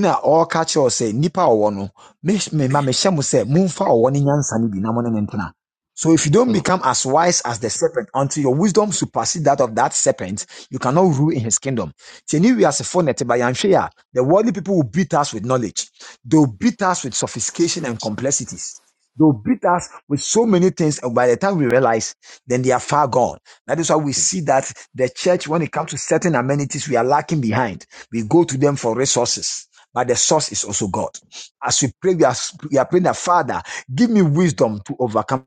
A: na ɔreka kyerɛ wo say, "Nipa a ɔwɔ no me, mema mehyɛ say, sɛ momfa ɔwɔ no nyansa no na mo ne no so if you don't
B: Hmm.
A: become as wise as the serpent until your wisdom supersedes that of that serpent you cannot rule in his kingdom nti ɛne wiasefoɔ na ɛte ba yɛanhwɛ yi a, phone at Bayanshea, the worldly people will beat us with knowledge they will beat us with sophistication and complexities they will beat us with so many things and by the time we realize then they are far gone that is why we see that the church when it comes to certain amenities we are lacking behind we go to them for resources but the source is also God. As we pray, we are, we are praying that Father, give me wisdom to overcome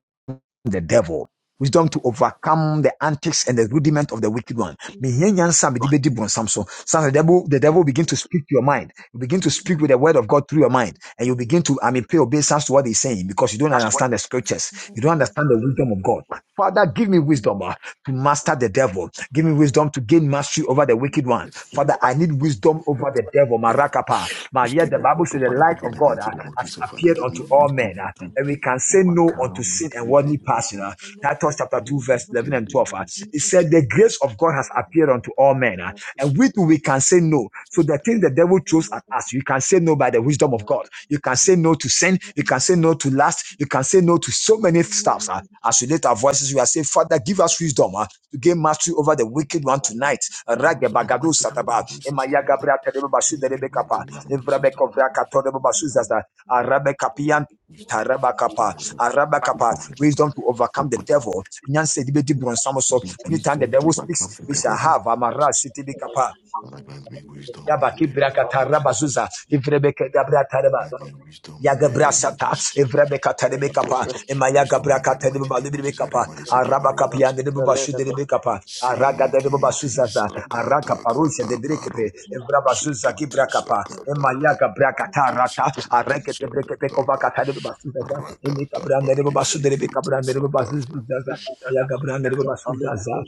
A: the devil. Wisdom to overcome the antics and the rudiment of the wicked one. Me hia di bedi bonsam so. Sometimes The devil, the devil will begin to speak to your mind. You begin to speak with the word of God through your mind. And you begin to, I mean, pay obeisance to what he's saying because you don't understand the scriptures. You don't understand the wisdom of God. Father, give me wisdom. ah, to master the devil. Give me wisdom to gain mastery over the wicked one.
B: Yes.
A: Father, I need wisdom over the devil.
B: Yeah.
A: Marakapa. But yet the
B: Wisdom, O
A: Bible
B: Lord,
A: says
B: over
A: the
B: the
A: light
B: big in
A: of
B: the
A: God uh,
B: mighty name of
A: has
B: Jesus, Father,
A: appeared
B: give me
A: unto all
B: wisdom
A: men, uh,
B: to
A: and we can say no unto
B: overcome
A: sin and
B: the
A: worldly
B: evil.
A: passion. Uh, Titus chapter 2, verse
B: In the
A: 11 and
B: name
A: 12. Uh,
B: of
A: it
B: Jesus.
A: said, The grace of God has appeared unto all men, uh, and we too we can say no. So the thing the devil throws at us, we can say no by the wisdom of God. You can say no to sin. You can say no to lust. You can say no to so many stuffs. ah. As we lift our voices, we are saying, Father, give us wisdom ah, to gain mastery over the wicked one tonight.
B: It be wisdom in the
A: Ragebagado
B: mighty name of Jesus. Keep them in the mighty name of Jesus to overcome it. Wisdom, wisdom,
A: tarabakapa. Arabakapa.
B: wisdom,
A: Wisdom to overcome the devil.
B: wisdom, wisdom,
A: so.
B: wisdom
A: Anytime the
B: wisdom to
A: devil
B: overcome
A: speaks,
B: the
A: we
B: devil.
A: shall
B: in the name
A: have.
B: of
A: Amara
B: Jesus.
A: sitibikapa.
B: Father, grant me wisdom in
A: Yabaki
B: the name
A: brakata
B: of Jesus.
A: rabazuza. Ivrebeke
B: Grant me wisdom in the name of
A: Yagabrasata,
B: Jesus.
A: Evrebeka
B: Wisdom,
A: Telebekapa,
B: wisdom
A: Emayagabra
B: in the mighty
A: Teleba
B: name of Jesus.
A: Libekapa,
B: Remani seki marogo to
A: Arabakapia de
B: sakata.
A: Bubashu de Bikapa, Araga de
B: Seki ti
A: Bubasuzaza, Araka
B: sakata
A: Parusia de
B: kata baro.
A: Brekepe, Evrabazuza
B: Seki ti
A: Gibrakapa,
B: sakata
A: Emayaga Brakatarata, Areke de Brekepekova
B: Tishikitishakataba,
A: Katalibazuzaza, Emikabran
B: rakataba,
A: de Bubasu de Bikabran de
B: dishikitishaka.
A: Bubazuzaza, Ayagabran de Bubasuzaza,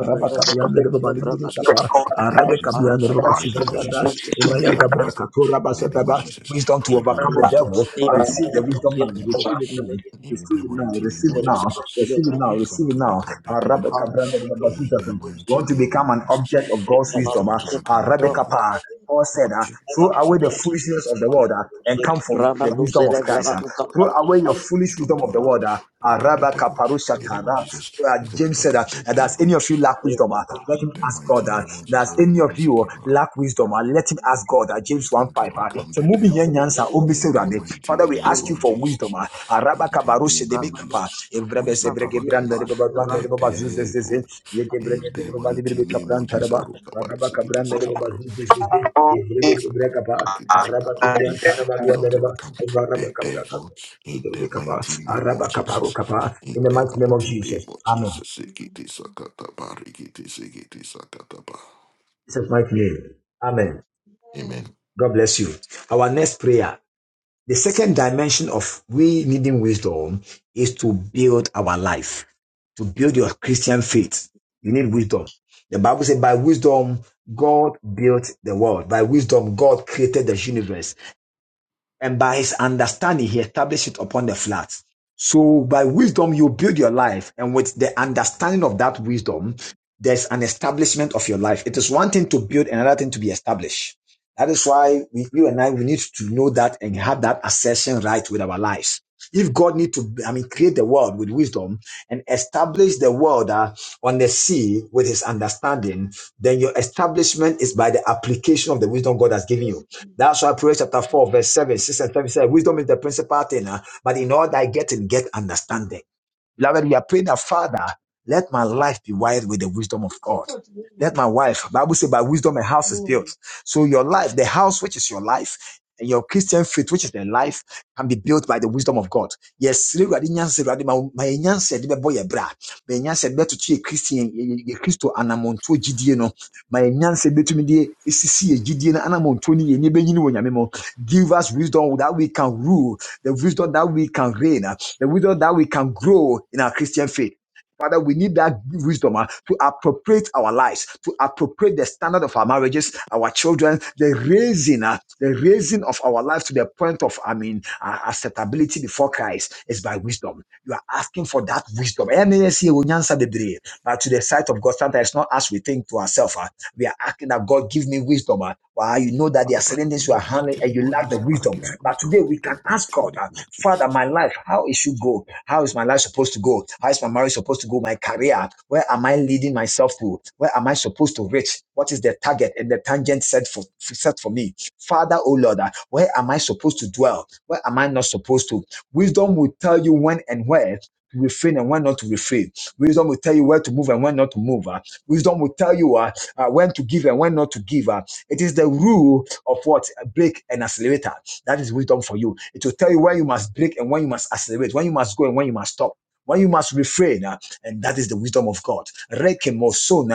B: In the name of Jesus,
A: de
B: in the name of Jesus,
A: Bubalibekapa,
B: Father, grant me wisdom.
A: Arabekabian de
B: In the name of
A: Bubasuzaza,
B: Jesus, Father, grant me
A: Emayagabra
B: wisdom.
A: Katura
B: In the name of
A: Basotaba,
B: Jesus,
A: wisdom to
B: Father, grant me
A: overcome the
B: wisdom.
A: devil.
B: Wisdom to
A: Receive the
B: overcome
A: wisdom
B: the
A: now.
B: devil.
A: Receive it now.
B: In
A: Receive
B: the
A: it now.
B: mighty name
A: Receive
B: of
A: it now.
B: Jesus,
A: Receive it now.
B: wisdom
A: Receive
B: to
A: it now.
B: overcome the
A: Ah, Rabbe
B: devil.
A: Kabranda Rabba
B: In
A: Jesus.
B: the
A: You
B: mighty
A: want to
B: name
A: become
B: of
A: an
B: Jesus,
A: object of God's wisdom.
B: wisdom
A: ah.
B: to overcome
A: Ah,
B: the
A: Rabbe
B: devil.
A: Paul said, ah, throw away the foolishness of the world ah, and come from the wisdom of Christ. ah. Throw away your
B: You
A: foolish
B: don't
A: wisdom
B: do
A: of the
B: enough.
A: world. ah. Ah,
B: Welcome the
A: Rabba
B: devil in the name of
A: Shatara.
B: Jesus.
A: Ah,
B: Wisdom to
A: James said
B: overcome
A: that,
B: the
A: that does any
B: devil
A: of you lack wisdom? ah, Let
B: in
A: him
B: the
A: ask
B: mighty
A: God. Uh,
B: name of Jesus.
A: does any of you
B: Ramanusakimaru.
A: lack wisdom? And let him ask God at James 1
B: Wisdom to
A: 5. uh,
B: overcome
A: So
B: the
A: moving here,
B: devil
A: Nyansa,
B: in the
A: Omiserade.
B: mighty
A: Father, we
B: name
A: ask you
B: of
A: for wisdom.
B: Jesus.
A: ah. Araba
B: In the
A: kabaru
B: name of
A: sedebe kapa.
B: Jesus.
A: Evrebe
B: Wisdom to
A: sebrege
B: overcome
A: branda de baba branda
B: the
A: de baba zuzes
B: devil
A: zeze. Yeke brege
B: in
A: de
B: the
A: baba
B: mighty
A: librebe
B: name of
A: kapran
B: Jesus.
A: taraba.
B: Rokabari,
A: Araba
B: sikiti,
A: kabranda de baba zuzes zeze. Evrebe kebre kapa.
C: É,
A: Araba
B: sakabaru.
A: tudian taraba tuan de
B: Result will
A: baba.
B: come.
A: Evrebe
B: The
A: kapra
B: devil
A: kapa.
B: in the
A: Shudebe kapa.
B: mighty name of
A: Araba kaparu
B: Jesus.
A: kapa.
B: In
A: In the
B: the
A: mighty name of
B: mighty name
A: Jesus.
B: of
A: Amen.
B: Jesus. Sikiti sakataba, rikiti sikiti sakataba.
A: Jesus' mighty name. Amen.
B: Amen.
A: God bless you. Our next prayer, the second dimension of we needing wisdom is to build our life, to build your Christian faith. You need wisdom. The Bible says, by wisdom, God built the world. By wisdom, God created the universe and by his understanding he established it upon the flats. so by wisdom you build your life and with the understanding of that wisdom there's an establishment of your life it is one thing to build another thing to be established that is why we, you and i we need to know that and have that assertion right with our lives if god need to i mean create the world with wisdom and establish the world uh, on the sea with his understanding then your establishment is by the application of the wisdom god has given
C: eu
A: you
C: sei.
A: that's why Proverbs chapter 4, verse 7, 6 and 7 says, Wisdom is the principal thing, uh, but in all thy getting, get understanding. Beloved, we are praying that Father, let my life be wired with the wisdom of
C: Você
A: God.
C: pode ver?
A: Let my wife, Bible says, by wisdom a house is built.
C: Não.
A: So your life, the house which is your life, and your Christian faith, which is the life, can be built by the wisdom of God. Yes, sere Awurade nyansa, Awurade, ma wo- ma yɛn nyansa yɛde bɛbɔ yɛn bra. Ma yɛn nyansa yɛde bɛtoto yɛ Christian- yɛ- yɛ- yɛ Kristo anammɔntuo gyidie no. Ma yɛn nyansa yɛbɛtumi de esisi yɛn gyidie no anammɔntuo no yɛ. Yɛn ani bɛnyini wɔ Nyame mu. Give us wisdom that we can rule, the wisdom that we can reign the wisdom that we can grow in our Christian faith. Father, we need that wisdom ah, to appropriate our lives, to appropriate the standard of our marriages, our children, the raising, ah, the raising of our lives to the point of, I mean, ah, acceptability before Christ is by wisdom. You are asking for that wisdom. NASE wo nyansa bebree, But to the sight of God, sometimes it's not as we think to ourselves. ah. We are asking that God give me wisdom. ah. Why you know that there
B: Father,
A: are
B: grant
A: certain
B: me
A: things you
B: wisdom
A: are
B: in the
A: handling
B: mighty
A: and
B: name
A: you
B: of
A: lack the
B: Jesus. Father,
A: wisdom.
B: give me
A: But
B: wisdom
A: today
B: in
A: we can
B: the
A: ask
B: mighty
A: God.
B: name
A: ah,
B: of
A: Father,
B: Jesus.
A: my life, how it should go? How is my life supposed to go? How is my marriage supposed to go? My career, where am I leading myself to? Where am I supposed to reach? What is the target and the tangent set for set for me? Father, oh Lord, uh, where am I supposed to dwell? Where am I not supposed to? Wisdom will tell you when and where to refrain and when not to refrain. Wisdom will tell you where to move and when not to move. uh. Wisdom will tell you uh, uh, when to give and when not to give. uh. It is the rule of what break and accelerator. That is wisdom for you. It will tell you when you must break and when you must accelerate, when you must go and when you must stop. When you must refrain, uh, and that is the wisdom of God. Reke moso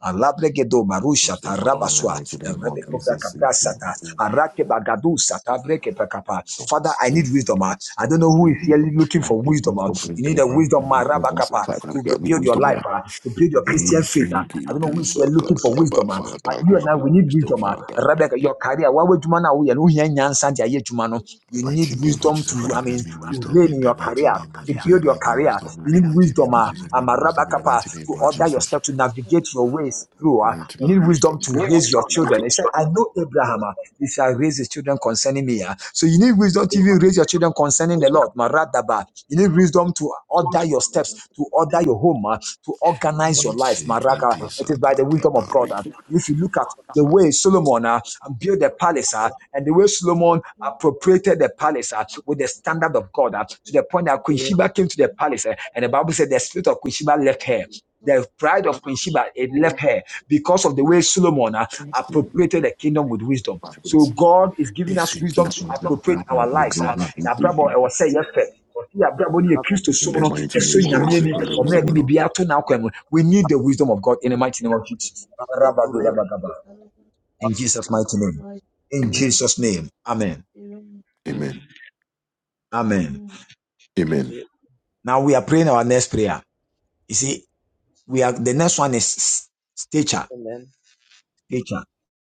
A: alabregedo marusha
B: Wisdom, O Lord, in the
A: tarabaswa,
B: mighty name of
A: erebekofra
B: Jesus. Give
A: kaprasata,
B: me
A: arake bagadu sata, breke pakapa.
B: Wisdom.
A: Father, I need wisdom. uh. I don't know who is here looking
B: I
A: for
B: need
A: wisdom. uh.
B: wisdom in
A: You need
B: the
A: a
B: mighty
A: wisdom,
B: name of Jesus.
A: marabakapa,
B: Father,
A: to
B: grant me
A: build your life,
B: wisdom.
A: uh, to build your Christian faith. uh. I don't know who is here looking for
B: Sakata,
A: wisdom.
B: but
A: uh.
B: Father,
A: But you and
B: grant
A: I,
B: me
A: we need
B: wisdom.
A: wisdom. ah.
B: Father, grant
A: Rebecca,
B: me
A: your career, why would you man now? You know, here in Yansan, there, here, you man, oh,
B: the
A: you need
B: mighty name of
A: wisdom
B: Jesus,
A: to,
B: Father,
A: I
B: grant
A: mean,
B: me
A: to
B: wisdom
A: reign
B: in
A: in
B: the
A: your
B: mighty
A: career.
B: name of
A: To
B: Jesus,
A: build your
B: grant me
A: career,
B: wisdom in the
A: you
B: mighty
A: need
B: name
A: wisdom.
B: of
A: ah.
B: Jesus,
A: I'm
B: grant
A: a
B: me wisdom in the mighty name
A: to
B: of
A: order your
B: Jesus,
A: step, to navigate your ways through. ah.
B: grant
A: You
B: me
A: need wisdom
B: wisdom,
A: to
B: grant
A: raise
B: me
A: your children.
B: wisdom.
A: He said, I know Abraham, ah, he shall raise his children concerning me. ah. So you need wisdom to even raise your children concerning the Lord. Maradaba. You need wisdom to order your steps, to order your home, ah, to organize your life. Maraka.
B: Nisikiti
A: It is by the
B: sakata
A: wisdom of God. Uh,
B: bariki
A: if you look at the way
B: sakata.
A: Solomon uh, built the palace uh, and the way Solomon appropriated the palace uh, with the standard of God uh, to the point that Queen Sheba came to the palace uh, and the Bible said the spirit of Queen Sheba left her. The pride of Queen Sheba it left her because of the way Solomon uh,
B: Nisikiti
A: appropriated the kingdom with wisdom. So God is giving us wisdom to appropriate
B: sakata
A: our lives. Uh,
B: bariki
A: Abraham,
B: sakata.
A: I was saying, ɔte yɛ abrabɔ ne yɛ kristo
B: In
A: som
B: the
A: no
B: mighty
A: ɛso
B: name of
A: nyameɛ
B: Jesus,
A: ni
B: Father, wisdom,
A: ɔmena
B: O
A: de
B: Lord.
A: biribiara ato n'akwan mu. we need the wisdom of god in the mighty name of jesus Rabadudabagaba. In Jesus' mighty name. In
B: Amen.
A: Jesus' name. Amen.
B: Amen.
A: Amen.
B: Amen.
A: Now we are praying our next prayer. You see, we are the next one is stature. Stature.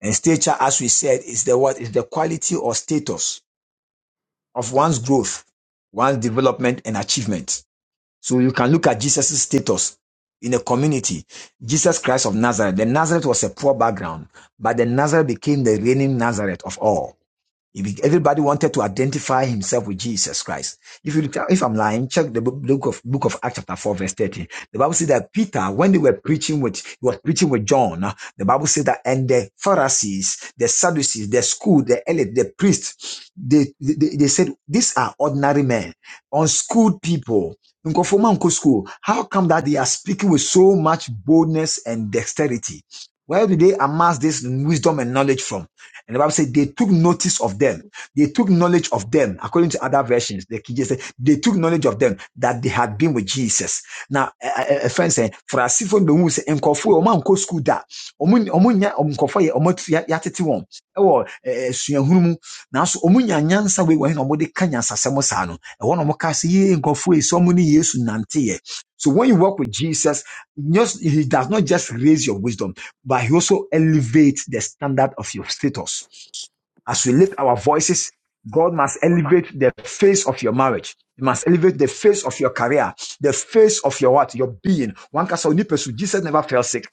A: And stature, as we said, is the what is the quality or status of one's growth, one's development and achievement. So you can look at Jesus' status in a community. Jesus Christ of Nazareth. The Nazareth was a poor background, but the Nazareth became the reigning Nazareth of all. He Everybody wanted to identify himself with Jesus Christ. If you look if I'm lying, check the book of book of Acts chapter four verse thirteen. The Bible says that Peter, when they were preaching with he was preaching with John, uh, the Bible says that and the Pharisees, the Sadducees, the school, the elite, the priests, they they, they said these are ordinary men, unschooled people. Nkɔfoɔ mma How come that they are speaking with so much boldness and dexterity? Where do they amass this wisdom and knowledge from? And the Bible said they took notice of them. They took knowledge of them. According to other versions, the King James said they took knowledge of them that they had been with Jesus. Now, a friend saying, for a if the moon say, and kofu, oman ko school da. Omun, omunya, omkofo ye, omot yatiti one. Ewo, suyanhunu. Now, so omunya nyansa we when omode kanyansa semosano. And one omokasi ye, and kofu, so muni yesu nante ye. So when you walk with Jesus, just, he does not just raise your wisdom but he also elevates the standard of your status. As we lift our voices, God must elevate the face of your marriage. He must elevate the face of your career, the face of your what, your being. One can say, "Only pursue." Jesus never fell sick.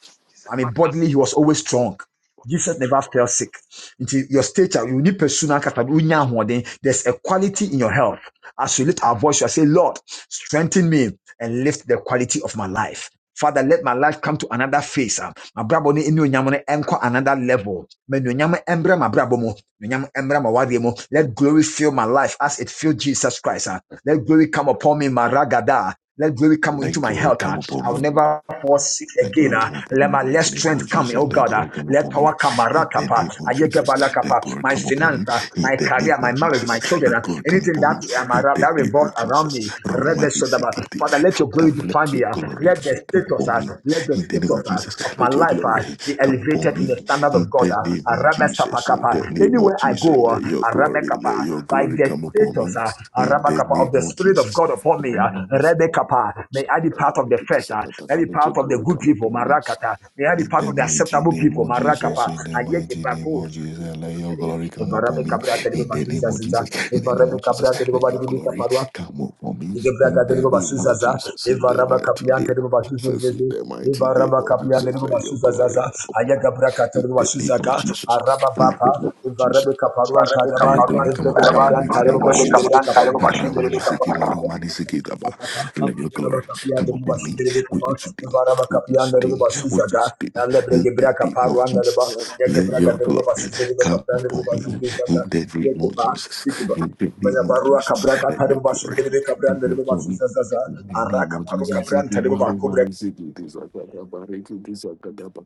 A: I mean, bodily, he was always strong. Jesus never fell sick. Into your stature, you need pursue na kasa, unya ahoɔden. There's a quality in your health. As we lift our voice, you say, Lord, strengthen me and lift the quality of my life. Father, let my life come to another phase. Uh, abrabɔ no ne onyam no nkɔ another level ma nonyam mbrɛ ma abrabɔ mu nonyam mbrɛ ma wadeɛ mu let glory fill my life as it filled jesus christ ah. let glory come upon me my ragada let glory come into
B: Let
A: my
B: glory
A: health.
B: come
A: ah. I
B: upon
A: will
B: me.
A: never fall sick
B: Let
A: again.
B: glory
A: ah.
B: come upon me
A: Let
B: in the
A: my
B: mighty
A: less
B: name of
A: strength come,
B: Jesus.
A: oh
B: Let
A: God.
B: glory
A: ah.
B: come
A: Let
B: upon me
A: power come. ah,
B: in the name of Jesus. Let glory
A: my
B: come upon me
A: finance, ah,
B: in
A: my
B: the name
A: career, my
B: of
A: marriage,
B: Jesus.
A: my children,
B: Let
A: ah,
B: glory come
A: anything
B: upon me
A: that um,
B: in the
A: that
B: name
A: revolves
B: of
A: around
B: Jesus.
A: me. Rebe
B: Romani
A: Sodaba.
B: Sikiti.
A: Father, let your
B: Father,
A: glory define
B: let your
A: me. ah.
B: glory
A: Let the
B: come
A: status,
B: upon
A: ah,
B: me
A: let the
B: in the name of
A: status ah, of
B: Jesus.
A: my
B: Let your
A: life
B: glory
A: ah, be
B: come upon
A: elevated in
B: me
A: the standard of
B: in
A: God.
B: the
A: ah.
B: name of Jesus. In the name of
A: Anywhere I
B: Jesus.
A: go, ah,
B: Let your glory, let your
A: by
B: glory
A: the
B: come upon me
A: status uh, uh,
B: in the
A: Rabakapa, of
B: name
A: the
B: of
A: Spirit of
B: Jesus.
A: God upon me. Uh, Rebekapa, may I be part of the first. Uh, may I be
B: Let
A: part
B: your
A: of the
B: glory
A: good
B: come
A: people.
B: upon me.
A: Marakata. May I be
B: In
A: part
B: the
A: of the
B: mighty
A: acceptable
B: name
A: people.
B: of Jesus,
A: Marakapa.
B: in the
A: And yet the
B: mighty name of
A: bagos.
B: Jesus, let your glory
A: If
B: come upon
A: Rabbi
B: me.
A: Cabra, tell
B: In the name of Jesus, in the name of Jesus, let your glory come upon me.
A: Igebraga
B: In the
A: deribo
B: name of
A: basuzaza,
B: Jesus, in the
A: evaraba
B: mighty
A: kapiyan
B: name
A: deribo
B: of Jesus, in
A: basuzuzezi,
B: the mighty name
A: evaraba
B: of
A: kapiyan
B: Jesus,
A: deribo
B: let your glory
A: basuzazaza,
B: come upon
A: ayaga braka
B: me. In
A: deribo
B: the name
A: basuzaga,
B: of Jesus,
A: araba
B: in the
A: baba,
B: name of Jesus,
A: evarabe kaparuan
B: let
A: taraba,
B: your glory come
A: evrebe
B: upon me in the
A: kabran
B: mighty
A: taraba
B: name of
A: basu
B: Jesus.
A: deribe kapa.
B: Ramanisiki marumanisiki daba. Let your glory
A: Rabakapia de
B: come
A: Ruba
B: upon me with you
A: Shibirikapa,
B: today, with you
A: Varabakapia de
B: today,
A: Ruba
B: with you
A: Suzaga,
B: today,
A: and
B: in the
A: Lebregebraca
B: name of
A: Paruan de Ruba,
B: Jesus. Let
A: Yagabraga
B: your
A: de Ruba
B: glory
A: Suzaka,
B: come
A: and
B: upon
A: Ruba
B: me in
A: Suzaga,
B: the name of
A: Yakapa,
B: Jesus,
A: Dikiba.
B: in the name of
A: Bayabarua
B: Jesus.
A: Cabraca,
B: Let your
A: Taruba
B: glory
A: Shibirika Brand,
B: come
A: the Ruba
B: upon me.
A: Suzaza,
B: In the name
A: Araka
B: of
A: Paruca
B: Jesus,
A: Brand,
B: Siki
A: Taruba Cobra
B: marumanisiki tisakadaba, reki tisakadaba.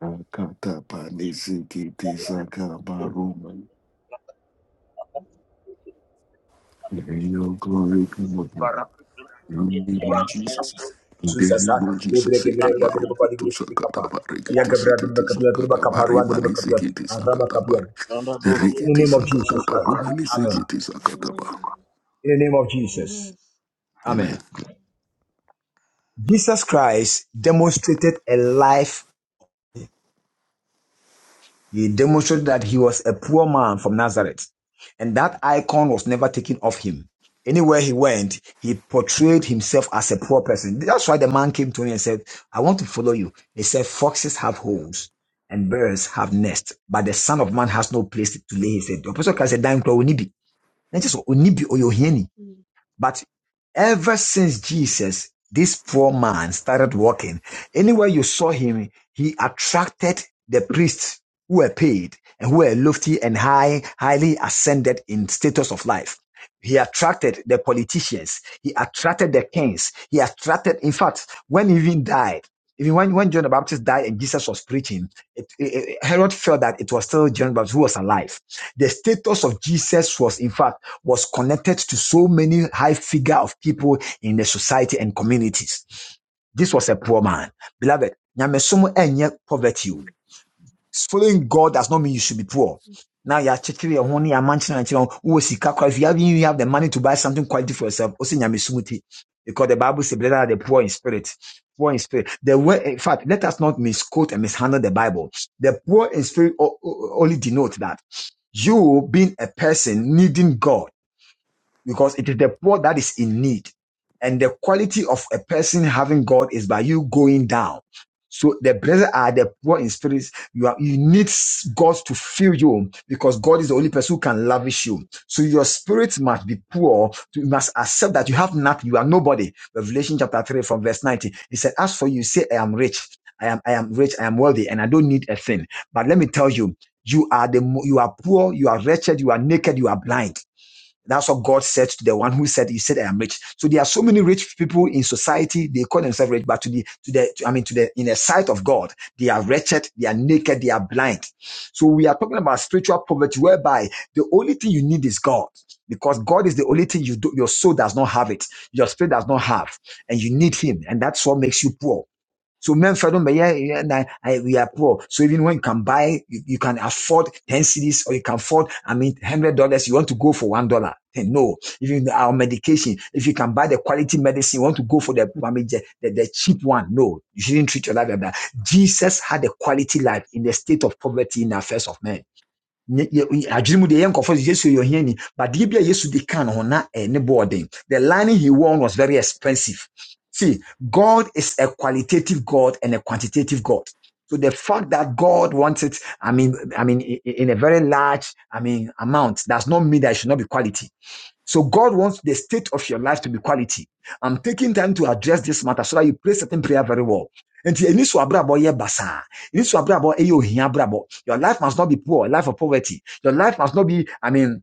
B: Akatapa nisiki tisakabaruma. May your glory come upon us. In the name of Jesus. In the
A: Suzaza,
B: name of Jesus. Siki
A: Lebregebrenda, the Ruba
B: baruku tu sakata
A: Dikipa,
B: bare kiti
A: Yagabra de
B: sikiti
A: Bacapia, the
B: sakata bare
A: Bacaparuan, the
B: mani
A: Bacapia,
B: sikiti
A: and
B: sakata bare.
A: Rabakapia. In
B: Rikiti
A: the name of
B: sakata
A: Jesus Christ.
B: baru mani
A: Amen.
B: sikiti sakata bare.
A: In the name of Jesus. Amen.
B: Amen.
A: Jesus Christ demonstrated a life. He demonstrated that he was a poor man from Nazareth. And that icon was never taken off him. Anywhere he went, he portrayed himself as a poor person. That's why the man came to me and said, I want to follow you. He said, Foxes have holes and birds have nests, but the Son of Man has no place to lay his head. The Apostle Christ said, Dine crow, onibi. Not just onibi or your But ever since Jesus, this poor man started walking, anywhere you saw him, he attracted the priests who were paid and who were lofty and high, highly ascended in status of life. He attracted the politicians. He attracted the kings. He attracted, in fact, when he even died, even when, when John the Baptist died and Jesus was preaching, it, it- it- Herod felt that it was still John the Baptist who was alive. The status of Jesus was, in fact, was connected to so many high figure of people in the society and communities. This was a poor man. Beloved, nyamesom enye poverty. Following God does not mean you should be poor. Now you are checking your honey, your mansion, and your who is sika kwa. If you have you have the money to buy something quality for yourself, also nyamesom ti. Because the Bible says, "Blessed are the poor in spirit." Poor in spirit. The way, in fact, let us not misquote and mishandle the Bible. The poor in spirit only denote that you being a person needing God because it is the poor that is in need. And the quality of a person having God is by you going down. So the blessed are the poor in spirits. You are you need God to fill you because God is the only person who can lavish you. So your spirit must be poor. You must accept that you have nothing. You are nobody. Revelation chapter three from verse nineteen. He said, "As for you, say I am rich. I am I am rich. I am wealthy, and I don't need a thing." But let me tell you, you are the mo- you are poor. You are wretched. You are naked. You are blind. That's what God said to the one who said, "He said I am rich." So there are so many rich people in society. They call themselves rich, but to the to the to- I mean to the in the sight of God, they are wretched, they are naked, they are blind. So we are talking about spiritual poverty, whereby the only thing you need is God, because God is the only thing you do. Your soul does not have it, your spirit does not have, and you need Him, and that's what makes you poor. So Memphis, don't yeah, yeah, nah, I- we are poor. So even when you can buy, you, you can afford 10 cities or you can afford, I mean, $100, you want to go for $1. No, even our medication, if you can buy the quality medicine, you want to go for the, I mean, the, the, the cheap one. No, you shouldn't treat your life like that. Jesus had a quality life in the state of poverty in the affairs of men. Nye- ye- ye- but no the line he won was very expensive see god is a qualitative god and a quantitative god so the fact that god wants it i mean i mean in a very large i mean amount does not mean that it should not be quality so god wants the state of your life to be quality i'm taking time to address this matter so that you pray certain prayer very well nti ɛni so abrabɔ yɛ basaa this abrabọ, eh, you hear abrabọ. Your life must not be poor, life of poverty. Your life must not be, I mean,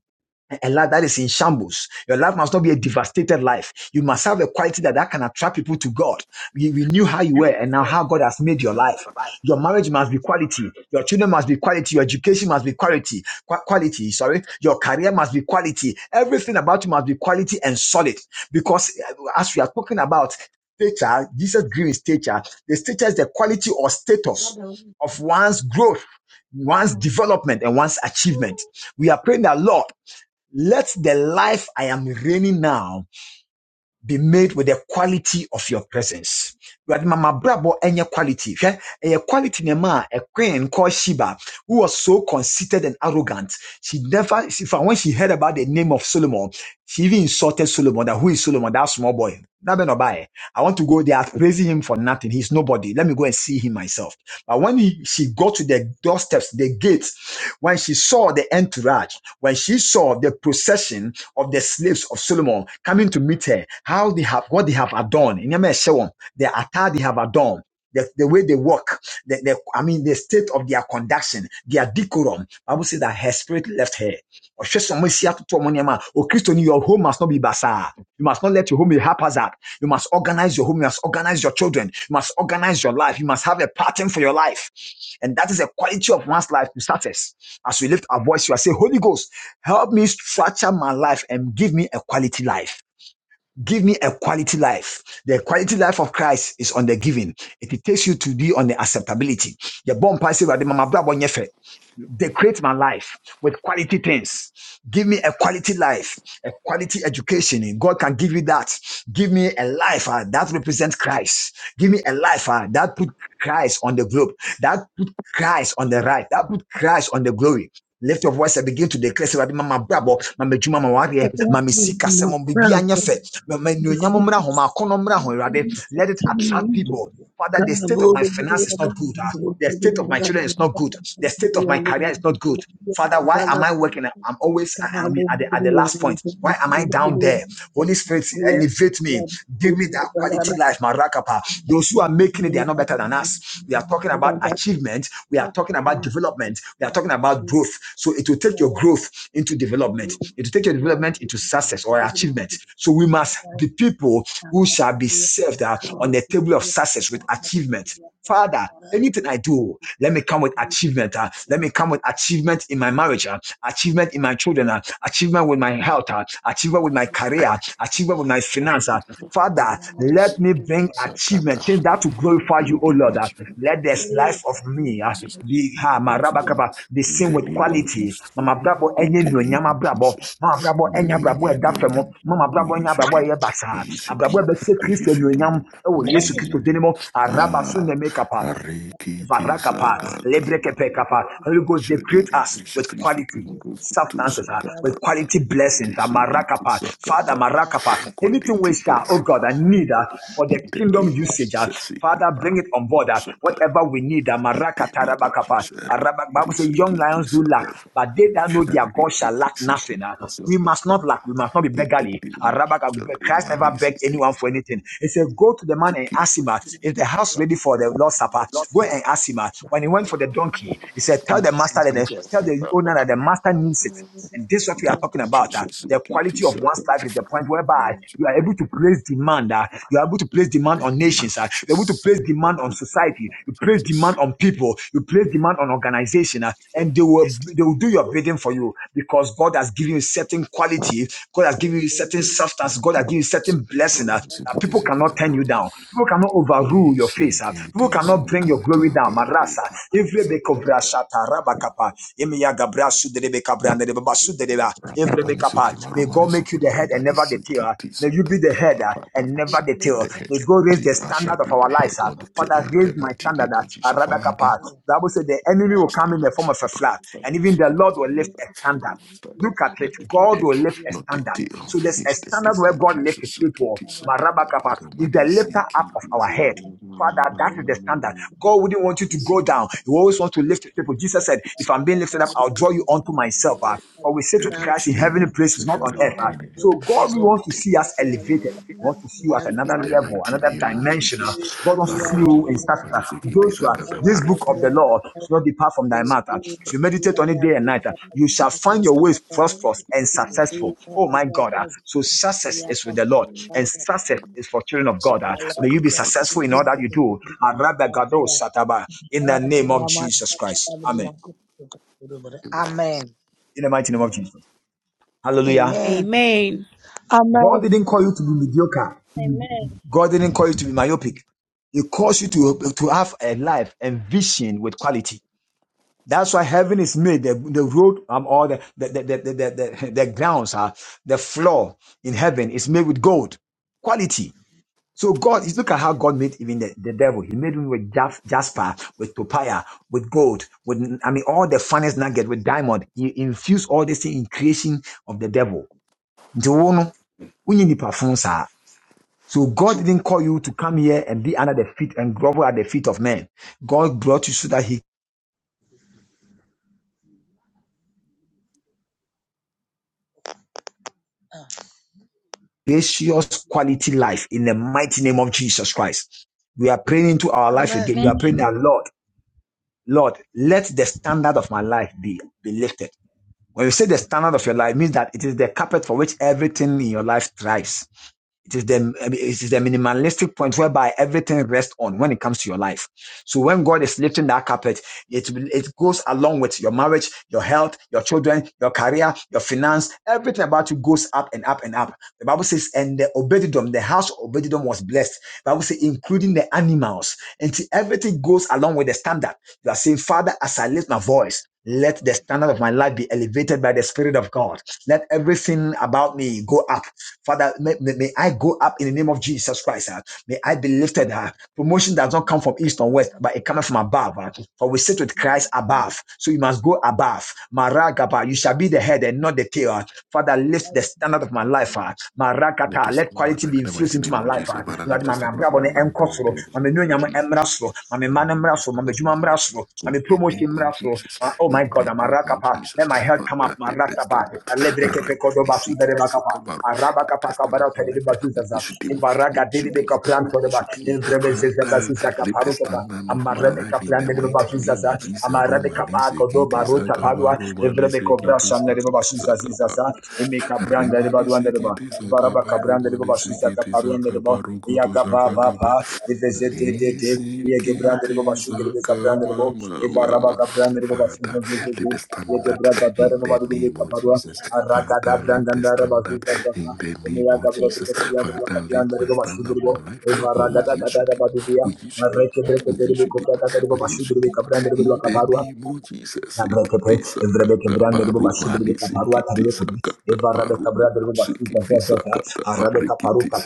A: a life that is in shambles. Your life must not be a devastated life. You must have a quality that, that can attract people to God. You, you knew how you were and now how God has made your life. Your marriage must be quality. Your children must be quality. Your education must be quality. Qua- quality, sorry. Your career must be quality. Everything about you must be quality and solid. Because uh, as we are talking about stature, Jesus grew stature. The stature is the quality or status of one's growth, one's development, and one's achievement. We are praying that, Lord, let the life I am reigning now be made with the quality of your presence. But Mama Brabo and your quality. A quality nema, a queen called Sheba, who was so conceited and arrogant. She never, she, from when she heard about the name of Solomon, she even insulted Solomon that who is Solomon, that small boy. Nabenobae. I want to go there praising him for nothing. He's nobody. Let me go and see him myself. But when he, she got to the doorsteps, the gates, when she saw the entourage, when she saw the procession, of the slaves of Solomon coming to meet her, how they have what they have adorned, In a ɛhyɛ wɔn, the attire they have adorned. The, the way they walk, the, the, I mean, the state of their conduction, their decorum. Bible says that her spirit left her. Oh, sɛ your home must not be bazaar. You must not let your home be haphazard. You must organize your home. You must organize your children. You must organize your life. You must have a pattern for your life. And that is a quality of one's life to success. As we lift our voice, you are saying, Holy Ghost, Help me structure my life and give me a quality life. Give me a quality life. The quality life of Christ is on the giving. It takes you to be on the acceptability. The bomb passive at the mama bra bɔ Decorate my life with quality things. Give me a quality life, a quality education. God can give you that. Give me a life ah, that represents Christ. Give me a life ah, that put Christ on the globe. That put Christ on the right. That put Christ on the glory. Lift your voice and begin to declare, say, Mama Brabo, Mama Juma, Mawaria, Mama Sika, Semon Bibianya Fe, Ma- ma- Anuonyam mmra ho, m'akɔnnɔ mmra ho, Awurade. Let it attract people. Father, the state of my finance is not good. ah. The state of my children is not good. The state of my career is not good. Father, why am I working? I'm always I- I'm
H: Please,
A: at the, at the last point. Why am I down there? Holy Spirit, elevate me. Give me that quality life, Marakapa. Those who are making it, they are not better than us. We are talking about achievement. We are talking about development. We are talking about growth. So it will take your growth into development. It will take your development into success or achievement. So we must be people who shall be served uh, on the table of success with achievement. Father, anything I do, let me come with achievement. uh, let me come with achievement in my marriage, uh, achievement in my children, uh, achievement with my health, uh, achievement with my career, achievement with my finance. uh. Father, let me
B: Sikiti
A: bring achievement, things
B: sakata.
A: that will glorify
B: In
A: you, O
B: the name
A: Lord.
B: of
A: uh.
B: Jesus.
A: let this life of me uh, be, uh, be
B: In
A: seen
B: the
A: with
B: name of
A: quality,
B: Jesus.
A: mama brabo
B: In
A: enye
B: the
A: nuonyam
B: name of
A: abrabɔ
B: Jesus.
A: mama brabo enye
B: Manu yam
A: abrabɔ a
B: yam yam yam.
A: mama
B: Oh,
A: brabo enye
B: yes, we
A: abrabɔ a
B: did.
A: ɛyɛ
B: We
A: basaa
B: yes, we
A: abrabɔ a
B: did.
A: ɛbɛhyɛ
B: We
A: kristo
B: yes, we
A: anuonyam
B: did.
A: ɛwɔ
B: Manu
A: yesu kristo
B: yam
A: din
B: yam.
A: mu araba so
B: Ah,
A: na ɛmɛ
B: Arikiti
H: And God
A: Varakapa,
H: has
B: Sakata.
H: spoken.
A: Lebrekepekapa. Holy Ghost, decorate
B: Shonu yam
A: us
B: Yesu
A: with
B: Kristo
A: quality
B: Kim Goku to
A: substances
H: Everybody
A: ah,
H: has
B: Sakata.
A: with
H: spoken.
A: quality blessings.
B: Arikiti
A: ah,
H: Everybody
B: Sakiti
A: Marakapa, Father
B: Sakata.
A: Marakapa, anything we
B: Quality
A: shall, oh
B: blessing.
A: God, I need ah, for
B: In
A: the
B: the
A: kingdom
B: name
H: praise
B: of
H: and
A: usage. ah,
H: bless
B: Jesus. Siki
A: Father, bring
B: Maru
A: it on board. ah,
B: Sakata.
A: Whatever
H: your
A: we need, ah,
B: In the
A: Marakata
B: name of
A: Rabakapa.
B: Jesus.
A: Ah,
H: father.
A: Bible
B: Arikiti
H: Everybody
A: says,
H: praise
A: young
H: and
B: Sakiti
A: lions do lack.
B: Sakata.
A: But they that know their God
B: Arikiti
A: shall lack
B: Sakiti
A: nothing. ah. We
B: Sakata.
A: must not lack. We must not be
H: bless
B: The
A: beggarly. Ah,
H: your
A: Rabaka-
H: praise.
B: blood
A: Christ
B: of
A: never begged anyone for anything. He said,
H: Everybody praise
A: Go to the man and
H: and
A: ask him. uh,
H: bless
A: is the house ready for the Lord's Supper? Go and ask him. ah. When he went for the donkey, he said, Tell
B: Jesus.
A: the master that the,
B: Jesus.
A: tell the owner that the master needs it. And this is what we are talking about. ah.
B: I
A: the quality of one's life is the point whereby you are able to place demand. ah. you are able to place demand on nations. ah. you're able to place demand on society. You place demand on people. You place demand on organization. ah. and they will they will do your bidding for you because God has given you certain quality. God has
H: your
A: given you
H: praise.
A: certain substance. God has given you certain blessing ah, that people cannot turn you down. People cannot overrule your face. ah. People cannot bring your glory down. Marasa. Every be cobra shata rabakapa. Emiya gabra suderebe kabra anderebe basudereba. Every be kapa. May God make you the head and never the tail. ah. May you be the head ah, and never the tail. May God raise the
B: shall
A: standard of
B: be the
A: our
B: head,
A: lives. ah.
B: not the tail. In
A: Father,
B: the
A: raise my
B: mighty name
A: standard.
B: of
A: ah.
B: Jesus, Father.
A: Rabakapa. The Bible said the enemy
H: of
A: will come in the form of a flood, and even the Lord will lift a standard look at it.
B: Let me be the
A: God
B: head,
A: will lift a
B: not the
A: standard.
B: tail.
A: So there's
B: In
A: a
B: the
A: standard
B: name of
A: where God lifts his
B: Jesus, it
A: people.
B: is so that
A: Marabakapa
B: the
A: is
B: Roman
A: the
B: is
A: lifter up
B: seeking
A: of
B: his
A: our head. Father, that is the standard. God wouldn't want you to go down. You always want to lift people. Jesus said, If I'm being lifted up, I'll draw you unto myself. ah." For we sit
B: the
H: the
A: with
H: Lord.
A: Christ
B: mighty
A: in
B: name
A: heavenly
B: of so
A: places, not on
B: Father,
A: earth.
B: make
A: ah.
B: me the head.
A: So God we
B: not
A: want to
B: the
A: see us elevated.
B: tail.
A: He wants to see you at
B: In
A: another
B: the
A: level,
B: mighty
A: another
B: name of
A: dimension. ah.
B: Jesus,
A: God wants to see
B: Rama,
A: you in status. ah.
B: mama, seeking this, I
A: Joshua,
B: got the
A: this
B: Roman
A: book of the
B: is
A: law should not depart from thy
B: seeking
A: mouth. ah. If you meditate on it day and night, ah, you shall find your ways prosperous and successful. Oh my God. ah. So success is with the Lord. And success is for children of God. Uh, May you be successful in all that you do. Arabagado sataba. In the name of Jesus Christ. Amen.
H: Amen.
A: In the mighty name of Jesus. Hallelujah.
H: Amen.
G: Amen.
H: Amen.
A: God didn't call you to be mediocre.
E: Amen.
A: God didn't call you to be myopic. He calls you to, to have a life and vision with quality. That's why heaven is made. The, the road um, or the, the, the, the, the, the, the grounds, uh, the floor in heaven is made with gold. Quality. So God, look at how God made even the, the devil. He made him with jas- jasper, with papaya, with gold, with I mean all the finest nugget with diamond. He infused all this thing in creation of the devil. Nti wo no, wonyɛ nnipa fo saa. So God
B: his
A: didn't call you to come here and be under the feet and grovel at the feet of men. God brought you so that He gracious quality life in the mighty name of Jesus Christ. We are praying into our life again. You
E: Amen.
A: are praying that Lord, Lord, let the standard of my life be be lifted. When you say the standard of your life, it means that it is the carpet for which everything in your life thrives. It is the it is the minimalistic point whereby everything rests on when it comes to your life. So when God is lifting that carpet, it it goes along with your marriage, your health, your children, your career, your finance. Everything about you goes up and up and up. The Bible says, and the obedidom, the house of obedidom was blessed. The Bible says, including the animals, and see, everything goes along with the standard. You are saying, Father, as I lift my voice, let the standard of my life be elevated by the Spirit of God. Let everything about me go up. Father, may, may- may I go up in the name of Jesus Christ. ah. May I be lifted up. Promotion does not come from east or west, but it comes from above. ah. For we sit with Christ above. So you must go above. Maragaba, you shall be the head and not the tail. ah. Father, lift the standard of my life. Uh,
B: live
A: Marakata,
B: the
A: let
B: up of
A: quality
B: my
A: be
B: life in the
A: infused
B: mighty
A: into
B: name
A: my
B: of
A: life.
B: Jesus.
A: ah.
B: Father, live
A: Lord, my
B: the up of
A: brabo
B: my
A: ne
B: life
A: enko
B: in the
A: soro,
B: name
A: my menu
B: of
A: nyam emra
B: Jesus.
A: soro, my
B: Father,
A: man
B: live
A: emra
B: the
A: soro,
B: up
A: my
B: of
A: juma
B: my
A: emra
B: life
A: soro,
B: in
A: my
B: the
A: promotion
B: name of
A: emra soro.
B: Jesus.
A: Ma- Oh
B: In
A: my God,
B: the
A: ah,
B: name of
A: Marakapa, let
B: Jesus.
A: my health come up,
B: Father, live the
A: Marakapa,
B: standard.
A: and let break every code of
B: Rapidly
A: basu
B: seek it.
A: dere bakapa.
B: Sakabaro.
A: Araba
B: live the
A: kapa
B: stand of
A: kabara tere
B: my life.
A: basu
B: We
A: zaza.
B: issue
A: In
B: them. We
A: baraga
B: issue
A: dere de
B: them.
A: kapran
B: We
A: kode ba.
B: issue them.
A: In vrebe zeze
B: Father,
A: basu zaka
B: lift the
A: paru kapa.
B: standard of my
A: Amarebe
B: life in
A: kapran
B: the
A: dere
B: mighty
A: basu
B: name
A: zaza.
B: of Jesus.
A: Amarebe
B: Roman is
A: kapa
B: a
A: kodo
B: kid. Is
A: baru
B: a gaba.
A: taparua. In
B: Roman is
A: vrebe
B: a
A: kovra
B: kid. Is
A: shan
B: a kid.
A: dere basu
B: Is a
A: zazi zaza.
B: gaba.
A: In me kabran dere
B: Remani
A: baru
B: sikiti
A: Varaba
B: sakaba
A: Cabranda de
B: romani
A: Baba Suzaga
B: sikiti
A: Paruanda de
B: sakaba
A: Baba
B: rokoto
A: Yagaba
B: sakata ba
A: Baba, Evezete de De, Yegebranda
H: Thank
A: de Baba Sugar de Cabranda de Baba,
B: Lisikitisakama-ma-ma-ma.
A: Evaraba Cabranda de Baba
B: Father,
A: Suzaga
B: lift the
A: Vezete,
B: standard
A: Yegebranda
B: in
A: de Baba
B: the
A: de
B: name of
A: Caparua,
B: Jesus.
A: Aragada
B: Father, lift the
A: Brandanda de Baba
B: standard
A: Suzaga,
B: in the name of
A: Emeagabra
B: Jesus.
A: de Caprianda de Baba
B: Father, lift
A: Caprianda de
B: my
A: Baba
B: standard
A: Sugar
B: of
A: de
B: my
A: Baba, Shudribo,
B: life. Oh,
A: Evaragada
B: yes, you
A: Gada de
B: did.
A: Baba Dubia,
B: Oh, yes, you did.
A: Mareke Breke
B: Oh,
A: de
B: yes,
A: Baba
B: you did.
A: Kofra Gada de
B: Oh,
A: Baba
B: yes, you
A: Sugar de
B: did.
A: Cabranda de Baba
B: In the name of Jesus.
A: Nabrekepe, Evrebeke
B: Sikitisakata
A: Branda Ruba
B: paru mani
A: Shudrika Parua
B: sikitisakata
A: Eva
B: paru.
A: Rabeka Branda Ruba Suza
B: Sikiti
A: Zaza,
B: sakata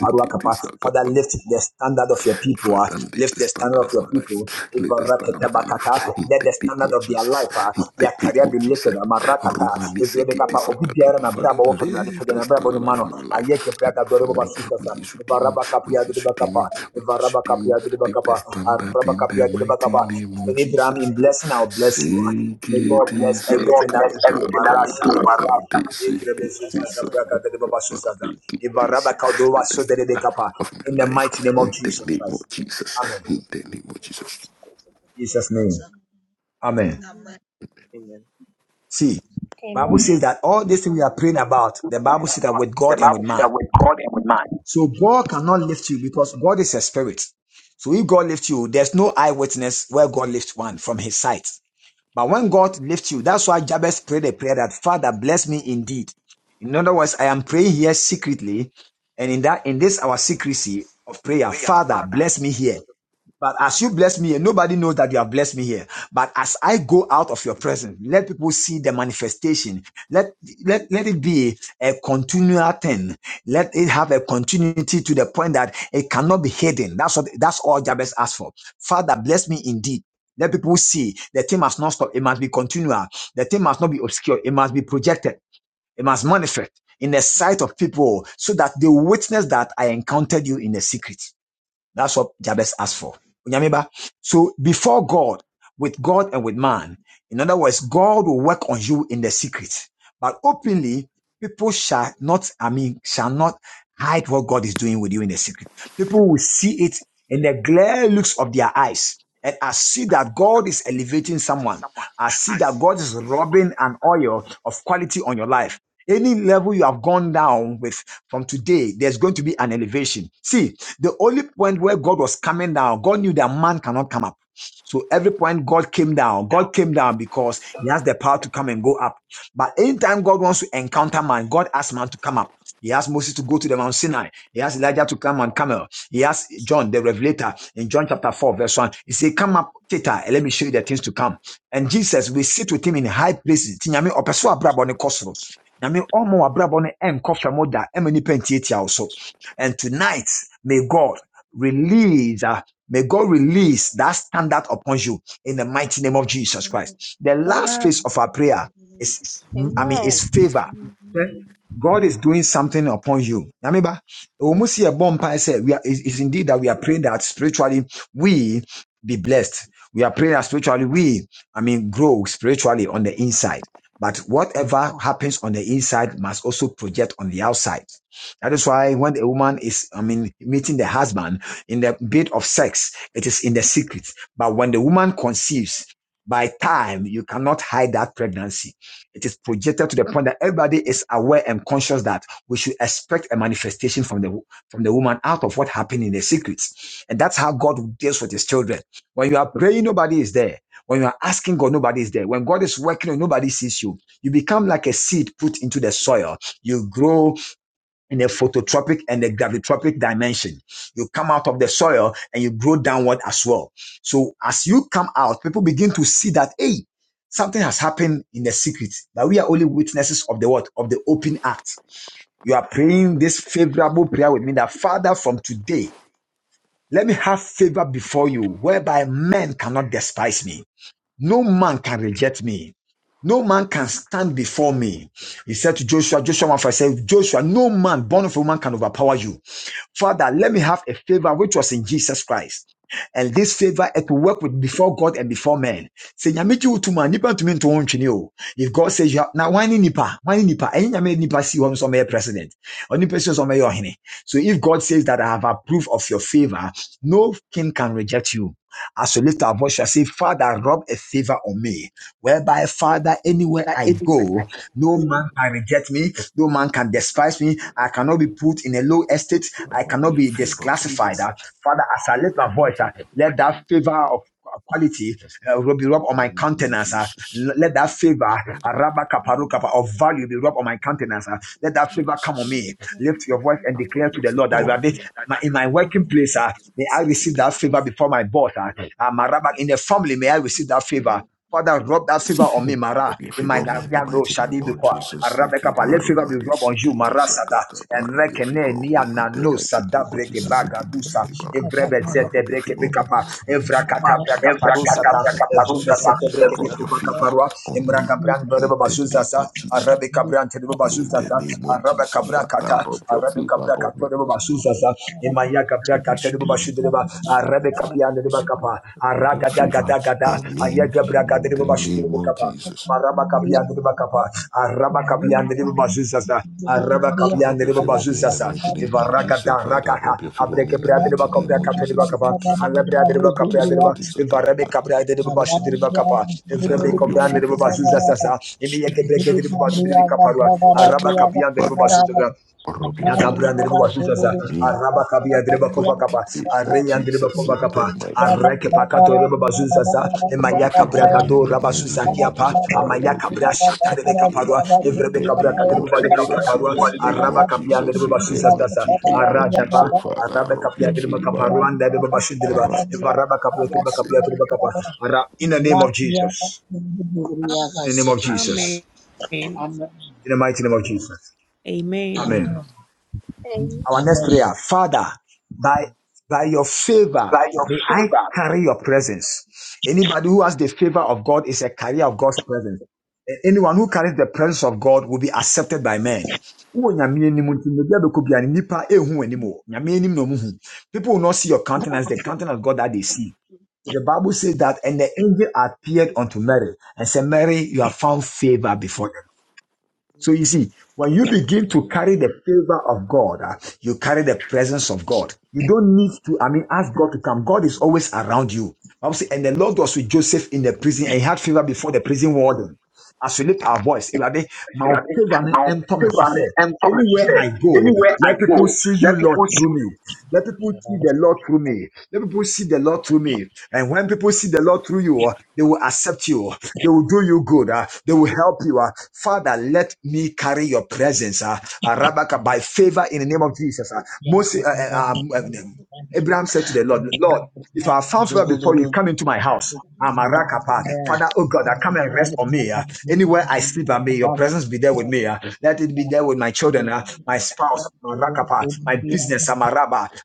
A: Parua Kapa. Father, lift the standard of your people, ah.
B: Father, lay
A: lift
B: the
A: the
B: standard
A: standard of
B: of
A: your
B: my life.
A: people,
B: Lay
A: Eva
B: the standard
A: Raketa
B: of my life. In
A: let
B: the
A: the
B: name
A: standard
B: of
A: of their
B: Jesus.
A: life, ah,
B: In
A: their
B: the name
A: career be
B: of Jesus.
A: lifted, Amarakata,
B: Romani
A: Evrebeka
B: Sekiti
A: Pa, Obibiara
B: Sakataba.
A: na
B: Father,
A: Brabo, Wafa na
B: lay
A: Dipe
B: the
A: na Brabo no
B: standard of
A: Mano,
B: my life.
A: Ayeke
B: And my
A: Braga Doruba
B: family,
A: Suza,
B: we use
A: Eva
B: redeem.
A: Rabaka
B: We
A: Pia
B: use
A: Diba
B: redeem.
A: Kapa,
B: We
A: Eva
B: use
A: Rabaka
B: redeem.
A: Pia Diba
B: Lay the
A: Kapa,
B: standard in
A: Arabaka Pia
B: the
A: Diba
B: mighty
A: Kapa,
B: name of
A: Abraham
B: Jesus.
A: in blessing, I'll bless you. okay? May God
B: Sekiti
A: bless everything that you do. Marasha da ba
B: Sakataba. Sekiti Sakataba. Please do this. Take the
A: so
B: from my of
A: In
B: my
A: the
B: life.
A: mighty name of
B: In the
A: Jesus
B: name
A: Christ.
B: of Jesus.
A: Amen.
B: In the name of Jesus.
A: Jesus' name. Amen. See, Bible says that all these things we are praying about, the Bible says that with God and with
I: said that
A: man.
I: with God and with man.
A: So God cannot lift you because God is a spirit. So if God lifts you, there's no eyewitness where God lifts one from his sight. But when God lifts you, that's why Jabez prayed a prayer that Father bless me indeed. In other words, I am praying here secretly, and in that in this our secrecy of prayer,
B: Prayer,
A: Father
B: Father,
A: bless me here. But as you bless me here, nobody knows that you have blessed me here. But as I go out of your presence, let people see the manifestation. Let, let, let it be a continual thing. Let it have a continuity to the point that it cannot be hidden. That's what, that's all Jabez asked for. Father, bless me indeed. Let people see the thing must not stop. It must be continual. The thing must not be obscure. It must be projected. It must manifest in the sight of people so that they witness that I encountered you in the secret. That's what Jabez asked for. Onyameba. So before God, with God and with man, in other words, God will work on you in the secret, but openly, people shall not, I mean, shall not hide what God is doing with you in the secret. People will see it in the glare looks of their eyes. And I see that God is
B: please
A: elevating
B: elevate
A: someone.
B: someone.
A: I see
B: I
A: that
B: see
A: God is rubbing an oil of quality on your life. Any level you have gone down with from today, there's going to be an elevation. See, the only point where God was coming down, God knew that man cannot come up. So every point God came down,
B: now.
A: God came down because he has the power to come and go up. But anytime God wants to encounter man, God asks man to come up. He asked Moses to go to the Mount Sinai. He asked Elijah to come on camel. He asked John, the Revelator, in John chapter 4, verse 1. He said, Come up, Teta, and let me show you the things to come. And Jesus, we sit with him in high places. Ti Nyame, ɔpɛ sɛ wo abrabɔ no kɔ soro. Nyame, ɔma wo abrabɔ no ɛnkɔ fam da, ɛma nnipa ntiatia wo so. And tonight, may God release, uh, may God release that standard upon you in the mighty name of Jesus Christ. The last phase of our prayer is, I mean, is favor. God is doing something upon you. Remember, almost see a bomb I said, we are, it's it's indeed that we are praying that spiritually we be blessed. We are praying that spiritually we, I mean, grow spiritually on the inside. But whatever happens on the inside must also project on the outside. That is why when a woman is, I mean, meeting the husband in the bed of sex, it is in the secret. But when the woman conceives, by time, you cannot hide that pregnancy it is projected to the point that everybody is aware and conscious that we should expect a manifestation from the from the woman out of what happened in the secrets. And that's how God deals with his children. When you are praying, nobody is there. When you are asking God, nobody is there. When God is working, nobody sees you. You become like a seed put into the soil. You grow in a phototropic and a gravitropic dimension. You come out of the soil and you grow downward as well. So as you come out, people begin to see that, hey, something has happened in the secret, but we are only witnesses of the what? Of the open act. You are praying this favorable prayer with me that Father, from today, let me have favor before you whereby men cannot despise me. No man can reject me. No man can stand before me. He said to Joshua, Joshua 1 5 said, Joshua, no man born of a woman can overpower you. Father, let me have a favor which was in Jesus Christ. And this favor it will work with before God and before men. Say nyame gye wo to ma nipa to me to ntwene o. If God says you have, na wan nipa, wan ne nipa, ɛnyɛ nyame nipa si hɔ so president. Onipa si hɔ so ɔmɛyɛ So if God says that I have approved of your favor, no king can reject you. As you lift our voice, I say, Father, rub a favor on me, whereby, Father, anywhere I go, no man can reject me, no man can despise me. I cannot be put in a low estate. I cannot be disclassified. Ah, Father, as I lift my voice, ah, let that favor of quality uh, will be rubbed on my
B: Jesus.
A: countenance. ah.
B: Jesus.
A: L- Let that favor ah, rabaka parukapa, of value be rubbed on my countenance. ah. Let that favor come on
B: Jesus.
A: me. Lift your voice and
B: I
A: declare to
B: forgive
A: the Lord that you
B: you
A: are the- my- in my working place. ah, May I
B: all.
A: receive that favor before my boss. Uh, Ah, Maraba, in the family, may I receive that favor. Father, rub that favor on me, Mara.
B: Forgive
A: In my
B: people me in the
A: Gaviano,
B: mighty
A: Shadi
B: name of
A: Bikwa.
B: Jesus. Niki
A: Arabekapa, let
B: maru
A: favor be
B: mari
A: rubbed on you,
B: sikiti
A: Mara Sata.
B: sakata
A: And
B: baru your
A: Rekene,
B: people me
A: Nia
B: in the
A: Nano,
B: mighty
A: Sada
B: name of
A: Breke
B: Jesus. Sikiti
A: Bagadusa.
B: siki baru.
A: Evrebe
B: Father,
A: Zete
B: rob your
A: Breke
B: favor on me.
A: Bekapa.
B: We
A: Evra
B: Jesus did.
A: Katabra
C: Thank
A: Kaparusata.
B: We
A: Evrebe
B: Jesus did.
A: Sete Breke
B: Rob your
A: Bekuba
B: favor
A: Kaparua.
B: on
A: Imra
B: me
A: Gabran
B: in
A: Bereba
B: the name
A: Bazuzasa.
B: of Jesus.
A: Arabe Kabran Tereba
B: In the
A: Bazuzata.
B: name of
A: Arabe
B: Jesus,
A: Kabra
B: Father,
A: Kata.
B: rob your
A: Arabe
B: favor
A: Kabra
B: on me.
A: Katoreba Bazuzasa.
H: you.
A: Imaya Kabra
B: We Jesus
A: Katereba
B: did.
A: Bashudreba. Arabe
H: Thank
A: Kapian Reba
B: Rob your
A: Aragada
B: favor
A: gada gada
B: on me
A: Ayagebra gada
B: in the
A: ribu bashidu
B: name
A: ribu
B: of
A: kapa.
B: Jesus.
A: Maraba kapiyan ribu kapa. araba Aragadagadagada, Ayagabragadiribabashibiribikapa, Marabakapiandiribakapa, Arabakapiandiribabazuzasa,
B: Father, rub your favor on me in the
A: Arabakapiandiribabazuzasa,
B: mighty name of Jesus. Father,
A: Ivaragadarakata,
B: rub your favor on me in the mighty name of Jesus.
A: Abrekebriadiribakabriakatoribakapa,
B: Sikiti sakata barokutu,
A: Alabriadiribakabriadiriba,
B: sikiti
A: araba
B: sakata barikiti sakata. Father, rub your favor on me.
A: Ivrabekabriadiribabazuzasa,
B: Sitting, sitting,
A: Imiyegebregediribabadubiribikaparwa,
B: sitting. Father,
A: Arabakapiandiribabazuzasa,
B: rub your favor
A: Yagabrandreba wasuzaza,
B: on me
A: araba kabi
B: in the
A: andreba kova
B: mighty
A: kapa,
B: name of
A: areli andreba
B: Jesus. In
A: kova
B: the
A: kapa,
B: mighty
A: areke
B: name.
A: pakato reba bazuzaza,
B: Rob
A: emaya
B: your
A: kabra
B: favor in me
H: you.
B: in
A: gado
B: the
A: raba
B: mighty
A: suza
B: name of
A: kiapa,
B: Jesus. I rob
A: amaya
B: your
A: kabra
B: favor
A: shata rebe
B: on me
A: kaparwa,
B: in
A: evrebe
B: the
A: kabra
B: name
A: katereba
B: of
A: balibre
B: Jesus. In
A: kaparwa,
B: the name
A: araba
B: of
I: by
A: kabi
B: Jesus.
A: andreba
B: In the
A: basuzaza,
B: mighty name of Jesus.
A: aradaba,
B: Father,
A: arabe
B: rob
A: kabi
B: your
A: andreba
B: favor
A: kaparwa,
B: on
A: andreba bashindreba, evaraba kabra tereba
B: Arabisi.
A: kabi andreba kapa, ara, in the name of Jesus, in the name of
G: Amen.
A: Jesus,
H: Amen.
A: in the mighty name of Jesus, Amen. Our next
H: Amen.
A: prayer, Father, by by your favor,
I: your
A: may I
I: silver,
A: carry your presence. Anybody who has the favor of God is a carrier of God's presence. And Anyone who carries the presence of God will be accepted by men. People will not see your countenance, the countenance of God that they see. The Bible says that, and the angel appeared unto Mary and said, Mary, you have found favor before so you see, when you begin to carry the favor of God, ah, you carry the presence of God. You don't need to, I mean, ask God to come. God is always around you. Bible say, And the Lord was with Joseph in the prison and he had favor before the prison warden. As we lift our voice, Ewurade, ma
I: You know,
A: wo favor no
I: Now,
A: ɛntɔ me so
I: silver me
A: sɛ,
I: and Thomas
A: Anywhere
I: said,
A: I go,
I: Anywhere I
A: let
I: go,
A: people see
I: let
A: you, Lord,
I: people see
A: through me. Let people see the Lord through me. Let people see the Lord through me. And when people see the Lord through you, they will accept you. They will do you good. ah. They will help you. ah. Father, let me carry your presence. ah. Ah, Rabaka, by favor in the name of Jesus. ah. Moses, uh, uh, um, um, Abraham said to the Lord, Lord, if I have found favor before you, come into my house. I'm a Father, oh God, I come and rest on me. ah. Anywhere I sleep, I may your presence be there with me. ah. Let it be there with my children, ah, my spouse, my rakapa, my business, Amaraba.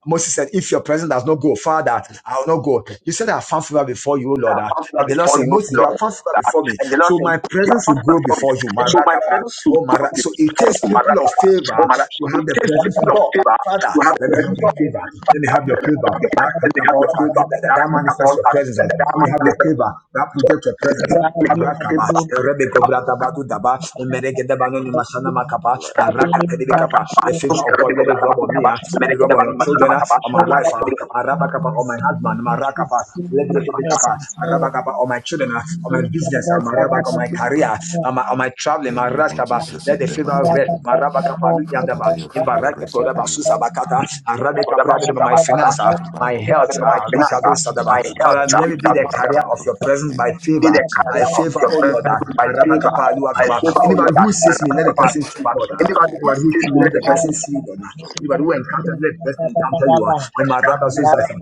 A: Moses said, If your presence does not go, Father, I will not go. You said I have found favor before you, oh Lord.
I: that I
A: ah.
I: found favor
A: And the Lord
I: before
A: said,
I: you,
A: Moses, you are
I: Lord.
A: transferred
I: That.
A: before me.
I: And the Lord
A: So
I: said,
A: my
I: You have
A: presence
I: found
A: will
I: favor
A: go
I: for it.
A: before you.
I: So my
A: Marakapa.
I: parents to go
A: Oh, Mara.
I: with
A: So it
I: for you,
A: takes
I: Mother
A: people of
I: Papa. Oh,
A: favor
I: Mother.
A: to
I: So in
A: have the
I: case
A: presence of
I: people of
A: God.
I: favor,
A: Father,
I: you have to
A: let me have your
I: respond
A: favor.
H: Thank
A: Let me have your
I: and they have
A: favor.
I: your favor.
A: That
I: That is
A: catapult, uh, that, that, that
I: what I
A: manifests
I: call
A: your
I: that.
A: presence. uh,
I: That
A: Let me
I: man
A: have
I: is
A: your favor. That project your presence. uh,
I: the-
A: Arakaba,
I: favor.
A: Rebe Govradabadu Daba, Meregedabanoni Masana Makaba,
I: My finance, my
A: Araka Tedibikapa, the
I: health,
A: favor of God, let it rub on me, uh, let it rub on your children, uh, on my wife, uh, Arabakapa, on my husband, Marakapa, Lebedekebekapa, Arabakapa, on my
C: you.
A: children, uh, on my
C: Today,
A: business, uh, Marabaka, on
B: Arabisi.
A: my career,
B: In
A: on my, on my traveling,
B: the name of
A: Marashaba,
B: Jesus.
A: let
B: In
A: the
B: the
A: favor
B: mighty
A: rest,
B: name.
A: My Marabakapa,
B: Father,
A: Luyandaba,
B: let your favor
A: Invaraka,
B: rest
A: Todaba,
B: upon me.
A: Susabakata, Arabeka, Pradaba, my finance,
B: Claro,
A: uh,
B: Que
A: my
B: paro,
A: health,
B: que
A: uh, Rikado,
B: pensamientos que
A: Sadaba.
B: tuve en
A: Father,
B: la
A: let me be the
B: fibra
A: carrier
B: in
A: of your
B: front of
A: presence
B: me.
A: by
I: in the
A: favor,
B: Give
A: by
I: career
B: us
I: of
A: favor,
I: your
A: oh
B: fibra
A: Lord,
B: in
A: uh,
I: person
B: front
I: by
B: of me.
I: favor.
A: Arabakapa,
H: you.
I: I
B: Grant
A: Luakaba.
B: us
I: favor all
A: Anybody
B: fibra
I: that.
A: who
B: in
A: sees
B: front
A: me, let
B: of
A: the
B: me.
A: person see God.
B: Grant
A: uh,
B: us
I: Anybody who
B: fibra
A: Anybody
B: in
A: who see
I: things.
A: me,
I: me,
A: let
B: front
A: the
B: of
I: let
B: me.
A: person see
I: the
A: you, Lord. uh, Anybody who encounters, let the person encounter you. uh, In my rabba, Susasa,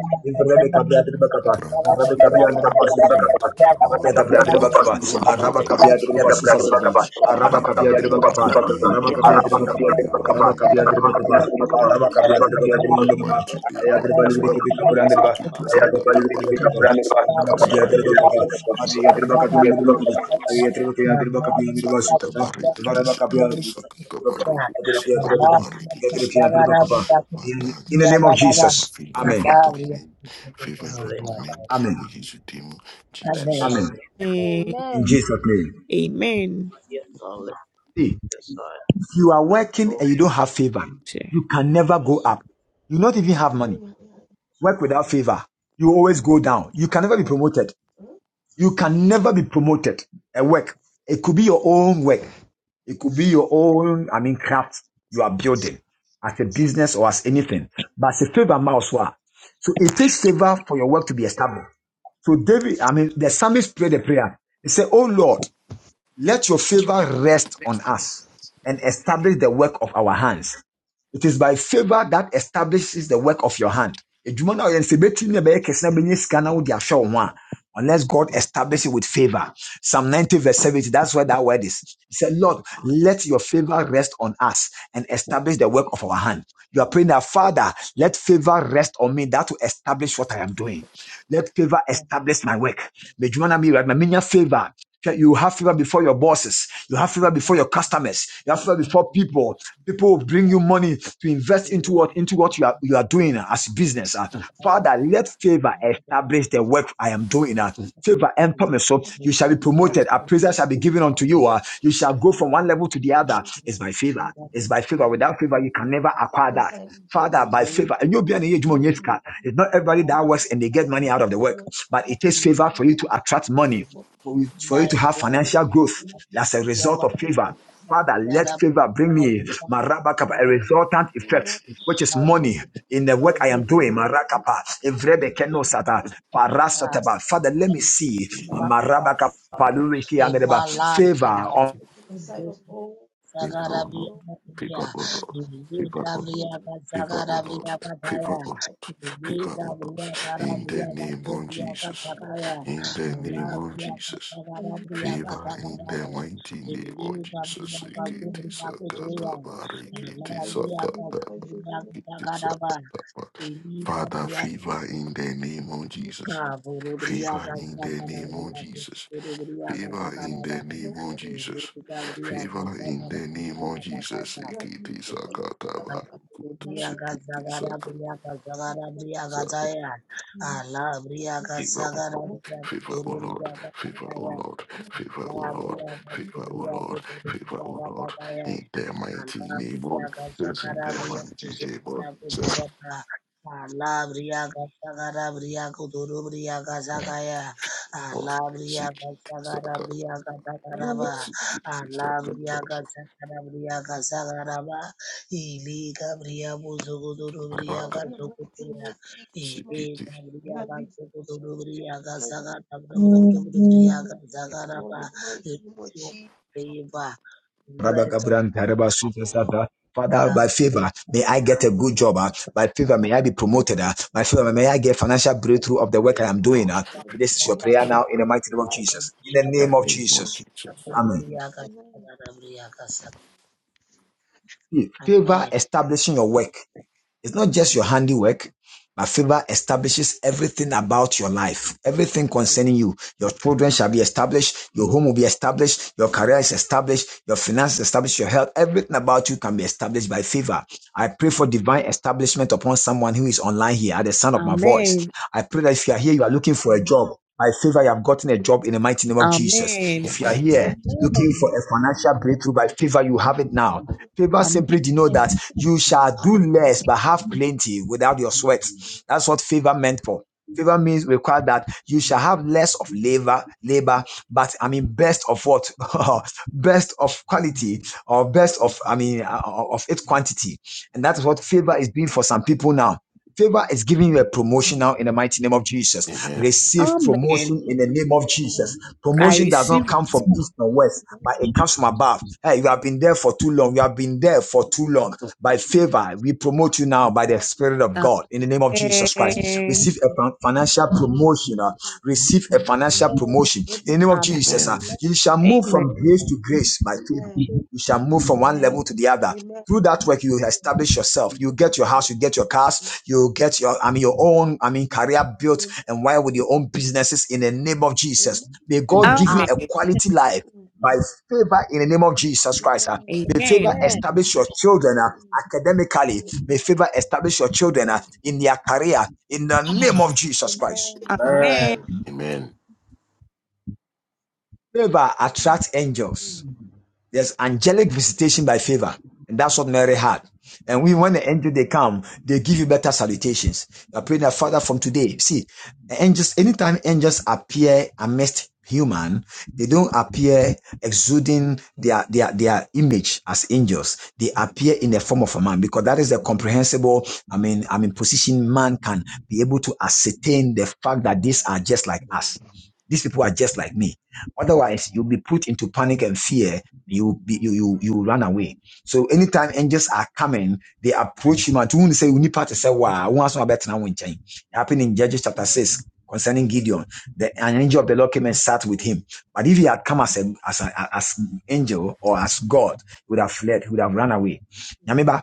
B: Grant us
A: Arabe
I: Thank
B: fibra,
A: kapia
B: O
A: de
B: Lord.
A: baba
B: Grant us fibra, O
A: Ya da
B: Lord.
A: bra de
B: Grant us
H: Thank
B: fibra, O Lord.
A: Araba
B: Grant
A: kapia
B: us
A: de baba
B: fibra.
A: susuzum. Araba kapia de
B: Fibra
A: baba
B: in the name
A: Araba
B: of
A: kapia de baba
B: Jesus. Fibra
A: Araba
B: in the
A: kapia de baba
B: name of
A: Araba
B: Jesus.
A: kapia de baba
B: In the
A: de baba.
B: mighty name
A: Aya de
B: of
A: baba
B: Jesus.
A: libri kapra
B: Romani
A: de baba.
H: you.
B: sikiti
A: Araba kapia de baba
B: sakatabari kiti
H: Tak
A: Araba
B: sikiti
A: kapia de baba
H: terbatasnya
B: sakatabari.
H: makanan,
A: Aya de baba
H: tak terbatasnya makanan, tak
A: de baba
H: terbatasnya makanan.
A: Aya de
I: you.
A: baba de baba de
H: Makanan
A: baba
H: tak
B: Sakata
H: terbatasnya
A: susuzum.
H: makanan,
B: barikiti
A: Araba kapia
H: makanan
A: de
B: sikiti sakata baru sakata barikiti sikima.
A: baba
H: tak
A: In
B: Father,
A: the
H: terbatasnya
A: name of
B: let me
H: makanan.
B: have
A: Jesus.
H: Beri
B: favor in
A: Amen.
B: front
H: makanan kepada
B: of
H: orang yang tidak mampu makanan, beri makanan kepada orang yang
B: men. Favor in front of men.
A: Amen.
B: We use your name, of Jesus.
A: Amen.
G: Amen.
A: In Jesus' name.
G: Amen.
A: See, If you are working and you don't have favor,
G: Che-
A: you can never go up. You not even have money.
C: yeah, yeah.
A: Work without favor, you always go down. You can never be promoted.
C: Huh?
A: You can never be promoted at work. It could be your own work. It could be your own, I mean, craft you are building as a business or as anything. But as a favor, mouse So it takes favor for your work to be established. So David, I mean, the psalmist prayed a prayer. He said, Oh Lord, let your favor rest on us and establish the work of our hands. It is by favor that establishes the work of your hand. no, Unless God establishes it with favor. Psalm 90, verse 70, that's where that word is. He said, Lord, let your favor rest on us and establish the work of our hand. You are praying that, Father, let favor rest on me that will establish what I am doing. Let favor establish my work. May Jumana right. May me favor. You have favor before your bosses. You have favor before your customers. You have favor before people. People will bring you money to invest into what into what you are you are doing as business. ah. Father, let favor
C: Yes,
A: establish the work I am doing. ah. Favor empower me, so
C: I
A: you shall be
H: tidak mampu
A: promoted.
B: Christ, now
A: Appraisal shall be
B: we
A: given unto
B: can
A: you.
B: do
A: ah. You shall go
H: makanan. Ada ya.
A: from one level to the other. It's by favor. It's by favor. Without favor, you can never acquire that. Father, by favor, and you'll be an age more It's not everybody that works and they get money out of the work, but it takes favor for you to attract
C: Speak
A: money,
C: for
A: for you, for you
H: My
A: to have
H: work,
A: financial growth. That's a
H: what
A: result of
C: the
A: favor. Father,
C: favor
A: let favor bring me
H: I
A: Marabakapa,
H: do,
A: a resultant effect, which is
H: shadow
A: money in the work I
H: every
A: am doing. Marakapa, Evrebekeno Sata, Parasataba. Father, let me see
B: Favor,
A: marabaka Luriki
H: in
A: Andereba,
H: my
B: thank you,
H: life.
A: favor
B: many
A: on
B: mighty.
C: Inside of all,
B: Favor,
H: Sagara
B: O Lord.
H: bria
C: no.
H: bria,
B: Favor, O Lord.
H: dibi
B: Favor, O Lord.
H: kabria
B: Favor,
H: sagara
B: O Lord.
H: bria
B: Favor, O
H: kataya,
B: Lord.
H: dibi
B: Favor, O Lord.
H: kabria kara
B: In the
H: bria
B: name
H: kace
B: of
H: bria
B: Jesus.
H: katakaya,
B: In the
H: ala
B: name of
H: bria
B: Jesus.
H: sagara bria
B: Favor in the
H: katakara,
B: mighty name of
H: dibi kabria
B: Jesus.
H: kace
B: Rikiti
H: bria kutuya,
B: sakata barikiti
H: ala bria
B: sakata
H: kace bria
B: barikiti
H: katakara ba,
B: sakata ba-
H: ini
B: Father,
H: kabria
B: favor in the name of Jesus.
H: kaburu bria
B: Favor in the
H: kasagara
B: name of
H: bria
B: Jesus.
H: kutuya bria
C: And that
B: Favor in
H: katakara
C: music,
H: ba,
B: the
C: the
B: name of
H: ini
B: Jesus.
C: music,
H: kabria
C: the
B: Favor
C: Lord,
B: in
H: kasagara
B: the
H: bria
B: name of Jesus.
H: katakaya.
C: that
B: Rikiti
C: music, the Lord, da
B: sakata
C: da ba da ba,
B: barukutu
C: da
H: Bria
B: sikiti
H: Gazagara
B: sakata.
H: Bria Gazagara Bria Gazaya Allah
C: that
H: Bria
C: music,
B: Favor,
C: that music, that music, that
B: O
H: Gazagara
B: Lord.
H: Bria
B: Favor, O
H: Guduru Bria
B: Lord. Favor, O
H: Gazagaya
B: Lord. Favor, O
H: Allah
C: Lord,
B: Lord.
H: ब्रिया
C: that
H: कस्बे
B: Favor,
C: music,
B: O
H: ब्रिया
B: Lord.
H: कुतुरु
B: Favor,
H: ब्रिया
B: O
H: का
B: Lord.
H: ताताया
B: In the mighty
H: Allah
B: name
H: ब्रिया
B: of Jesus.
H: कस्बा
B: In
H: का
B: the
H: ब्रिया
B: mighty name of Jesus.
H: कुतुरु ब्रिया कुतुरु ब्रिया
B: Lord.
H: अल्लाह ब्रिया
B: Seek it,
H: कस्बा का ब्रिया कुतुरु ब्रिया कस्बा या अल्लाह ब्रिया कस्बा का
B: Saka.
H: ब्रिया कस्बा
B: Seek
C: Oh,
H: रबा
B: it, seek it,
H: Allah
B: Saka.
H: ब्रिया कस्बा का ब्रिया कस्बा रबा इली का ब्रिया कुतुरु कुतुरु ब्रिया
C: Lord,
B: Raka.
C: Jesus,
B: Seek
C: Lord.
B: it, seek it.
C: That music,
H: कस्कुतेरा
C: Lord,
H: इबी
C: in the mighty name of
H: People
C: Jesus,
H: favor, rest of
A: Rabakabrantareba, Sata. Father, by
H: them.
A: favor, may I get a good job. ah. By favor, may I be promoted. ah. By favor, may I
H: Amen.
A: get financial breakthrough of the work I
B: Favor,
A: am
B: O
A: doing.
B: Lord.
A: ah.
B: Favor,
A: This is
B: O
A: your prayer now in the mighty name of Jesus. In the name
B: Lord. In
A: of
B: the name of
A: Jesus.
C: Jesus.
B: Jesus.
A: Amen.
C: Amen.
A: Favor establishing your work. It's not just your handiwork, but favor establishes everything about your life, everything concerning you. Your children shall be established, your home will be established, your career is established, your finances established, your health, everything about you can be established by favor. I pray for divine establishment upon someone who is online here at the sound of my voice.
G: Amen.
A: I pray that if you are here, you are looking for a job. By favor, you have gotten a job in the mighty name of Jesus.
G: Amen.
A: If you are
B: Amen.
A: here looking
E: Amen.
A: for a financial breakthrough, by favor, you have it now.
C: Amen.
A: Favor simply
G: Amen.
A: denotes that
E: Amen.
A: you shall do less but have plenty without your sweat.
C: Amen.
A: That's what favor meant for. Favor means require that you shall have less of labor, labor, but I mean best of what, [LAUGHS] best of quality or best of I mean uh, uh, of its quantity, and that is what favor is doing for some people now. Favor is giving you a promotion now in the mighty name of Jesus.
C: Amen.
B: Amen.
A: Receive
G: Amen.
A: promotion in the name of Jesus.
G: I
A: Promotion does not
G: receive it.
A: come from east or west, but
C: Amen.
A: it comes from above. Hey, you have been there for too long. You have been there for too long by favor. We promote you now by the Spirit of God in the name of Jesus Christ.
G: Amen.
A: Receive a financial promotion. uh, receive a financial
E: Amen.
A: promotion in the name of Jesus.
B: Amen.
A: uh, you shall move
G: Amen.
A: from grace to grace by favor.
E: Jesus.
A: You shall move from one
E: Amen.
A: level to the other.
C: Amen.
A: Through that work, you establish yourself. You get your house, you get your cars, you get your, I mean, your own, I mean, career built
C: Amen.
A: and why with your own businesses in the name of
C: Amen.
A: Jesus. May God
B: Amen.
A: give you a
G: Amen.
A: quality life by favor in the name of Jesus Christ. ah. May favor
G: Amen.
E: Amen.
A: establish your children. Uh academically. May favor establish your children uh, in their career in the name of Jesus Christ.
G: Amen.
J: Amen.
B: Amen.
A: Favor attracts angels. There's angelic visitation by favor. And that's what Mary had. And we, when the angel they come, they give you better salutations. I pray that Father from today. See, angels, anytime angels appear amidst human, they don't appear exuding their, their, their image as angels. They appear in the form of a man because that is the comprehensible, I mean, I mean, position man can be able to ascertain the fact that these are just like us. These people are just like me. Otherwise, you'll be put into panic and fear you you you you run away. So anytime angels are coming, they approach him and to say "We unipa to say wow, one has no better now in China. It happened in Judges chapter six concerning Gideon. The an angel of the Lord came and sat with him. But if he had come as a as a, as angel or as God, he would have fled, he would have run away. Remember,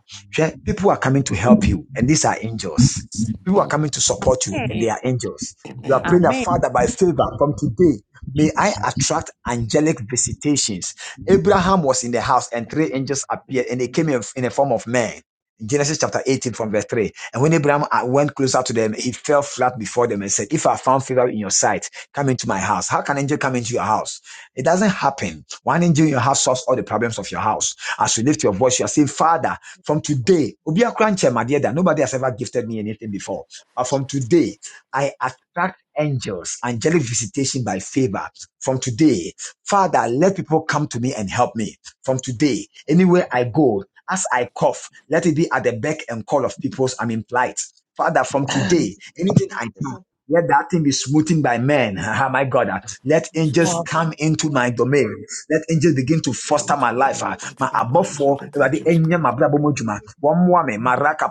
A: people are coming to help you, and these are angels. People are
B: Amen.
A: coming to support you, and they are angels. You are
B: Amen.
A: praying that
G: Amen.
A: Father by favor from today. May I attract angelic visitations Abraham was in the house and three angels appeared and they came in, in the form of men. Genesis chapter 18 from verse 3. And when Abraham uh, went closer to them, he fell flat before them and said, If I found favor in your sight, come into my house. How can an angel come into your house? It doesn't happen. One angel in your house solves all the problems of your house. As you lift your voice, you are saying, Father, from today, Obi Akra Nche Madieda, nobody has ever gifted me anything before. But from today, I attract angels, angelic visitation by favor. From today, Father, let people come to me and help me from today. Anywhere I go, as I cough, let it be at the beck and call of people's I'm in plight. Father, from today, anything I
C: Jesus,
A: do, let that thing be smoothened by men. [LAUGHS] Ah, my God, ah. let
B: Jesus.
A: angels come into my domain. Let angels begin to
B: Come
A: foster
B: into
A: my
B: my
A: life.
B: domain. The
A: ah.
B: mighty
A: My
B: name of
A: above
B: Jesus. Let
A: Awurade
B: angels
A: enye
B: come into my
A: mabrabo mo
B: being.
C: I
A: dwuma. Wɔmmoa me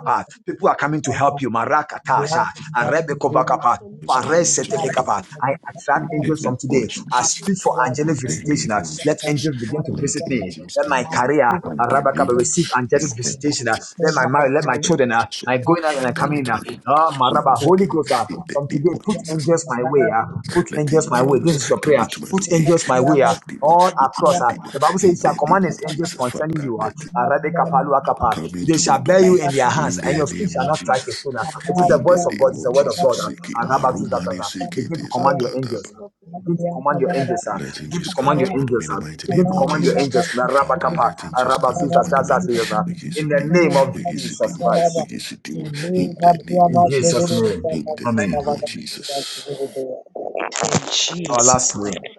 C: Let people
A: People are coming to help you marakatasa.
C: affect those
A: Arebe
C: people,
A: kovakapa.
C: Father, let
B: It's coming to
C: people
B: my domain.
C: that
A: Faresetebekapa.
C: are
A: I
C: proud and that
A: attract
B: In the
A: angels
B: name
A: from
C: the
B: of
A: today.
C: mighty
A: I
B: Jesus.
C: God,
A: speak for
B: In
A: angelic
C: let it
B: the
A: visitation.
C: go
B: name
A: Uh,
C: back
B: of
C: and
A: Let
C: it
B: Jesus.
A: angels begin to
C: go to
B: Let
A: visit
C: the
A: me.
C: next
B: angels
A: Let my
B: come
C: level.
B: in.
A: career,
C: The
A: uh,
B: My domain.
A: Rabakaba,
B: In the
A: receive angelic
B: mighty name
A: visitation. uh,
C: of
A: Let my marriage, let my children,
B: of
A: uh,
B: Jesus.
A: my going out and I come
B: Come
A: in.
C: people
B: into
A: uh,
B: my
C: that are
B: domain.
A: Oh,
B: We
A: Maraba,
H: Amen.
B: use
A: Holy
B: the name.
A: Ghost,
C: so
A: uh,
B: In
C: much
B: the
A: from
H: Ini
B: name
C: of
A: today,
B: of
A: put
B: Jesus.
A: angels my way.
C: God,
A: uh,
C: we
A: Put
B: Let
A: angels my way. This
B: angels
A: is your
B: come
A: prayer.
B: into my
C: we God, and
A: Put
B: domain.
A: angels my
B: We
A: way. uh,
B: use the name.
A: all
B: We
A: across.
B: use
A: Uh,
B: the
C: we
B: name.
A: the Bible says,
C: can
A: "He
B: In
A: shall
B: the
A: command
B: name
A: his
B: of
A: angels
B: Jesus.
A: concerning
B: Father.
A: you. ah." Arabe kapalu akapa.
B: Come
A: They
B: into my
A: shall bear you
B: domain
A: in their
B: in
A: hands, and
B: the
A: your feet
B: name
A: shall
B: of
C: of the
A: not strike
C: very
A: a
B: Jesus.
C: best
A: stone.
C: of
A: It is the
B: In the
A: voice of God.
B: name
A: It's
B: of
A: the
C: God, God,
A: word of
B: Jesus.
A: God.
C: the mighty
B: Seek it.
A: Araba zuz da da
B: Marumani
A: da.
B: seek it
A: Begin
C: God,
A: to
B: is a
A: command
C: the
A: your
B: God.
A: angels.
C: station of the
A: Begin to command your angels. ah.
B: Let him
C: of
A: Begin to
B: just come
A: command your
B: into my
A: angels.
B: domain in
A: ah.
B: the mighty
A: Begin
B: name
A: to
B: of
A: command your
B: Jesus.
C: God,
A: angels. Araba
C: the
B: Father,
C: God,
A: kapa.
B: let him just
A: Araba
B: come
A: zuz da
B: into
C: the
B: my
C: God,
A: da da
B: domain.
C: the
A: da.
B: We is
A: In
B: it,
A: the
B: demon.
A: name of
B: We is it,
A: Jesus
B: demon. We
A: Christ.
B: is
C: God,
B: it. demon. In the
C: the
H: kan dia
B: name
A: In
B: of
H: masuk
A: Jesus'
H: dulu
B: Jesus.
H: di
A: name.
B: In
H: atas
B: the name
A: Amen.
B: of Jesus.
H: kata-kata In
A: Our last
H: Jesus'
A: prayer.
H: name.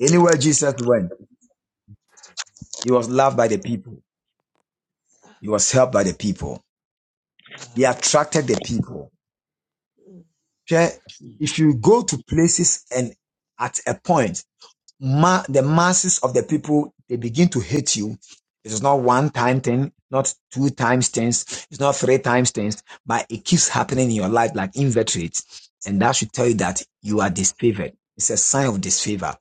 A: Anywhere Jesus went, he was loved by the people. He was helped by the people. He attracted the people. Hwɛ, if you go to places and at a point, ma- the masses of the people, they begin to hate you. It is not one time thing, not two times things, it's not three times things, but it keeps happening in your life like invertebrates. And that should tell you that you are disfavored. It's a sign of disfavor.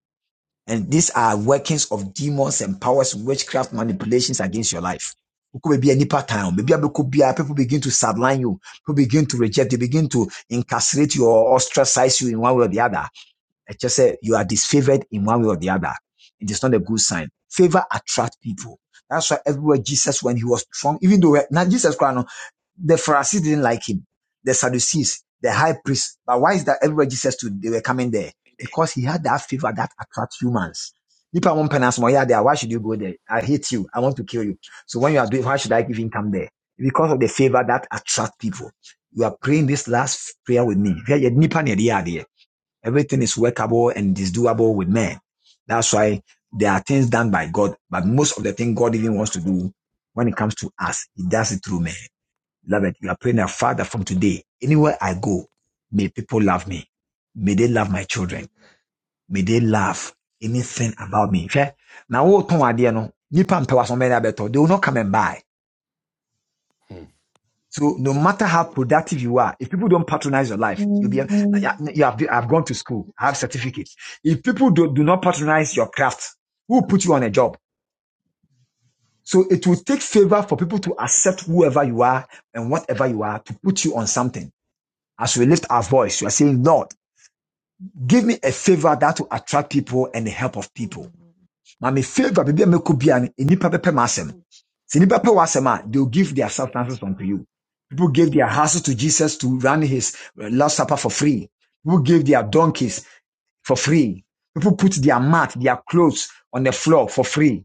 A: And these are workings of demons and powers, witchcraft manipulations against your life. Could be any pattern. Maybe could people begin to sideline you. People begin to reject. They begin to incarcerate you or ostracize you in one way or the other. I just say you are disfavored in one way or the other. It is not a good sign. Favor attract people. That's why everywhere Jesus, when he was strong, even though now Jesus cried, the Pharisees didn't like him. The Sadducees, the high priest. But why is that everywhere Jesus stood, they were coming there? Because he had that favor that attracts humans. If I want penance more, yeah, there. Why should you go there? I hate you. I want to kill you. So when you are doing, why should I even come there? Because of the favor that attracts people. You are praying this last prayer with me. Yeah, yeah, nipa na ɛde Everything is workable and is doable with man. That's why there are things done by God, but most of the thing God even wants to do when it comes to us, He does it through man. Beloved, you are praying that Father from today, anywhere I go, may people love me. May they love my children. May they love anything about me. now, na wotɔn adeɛ no, nipa mpɛ w'asɔn bɛn de abɛtɔ. They will not come and buy.
B: Hmm.
A: So no matter how productive you are, if people don't patronize your life, you'll be, you have, I've gone to school, I have certificate. If people do, do not patronize your craft, who will put you on a job? So it will take favor for people to accept whoever you are and whatever you are to put you on something. As we lift our voice, we are saying, Lord, give me a favor that will attract people and the help of people. Ma favor baby me could be an nipa pepe masem.
C: Mm-hmm.
A: Si nipa pe wasema, they'll give their substances unto you. People gave their houses to Jesus to run his uh, last supper for free. People gave their donkeys for free. People put their mat, their clothes on the floor for free.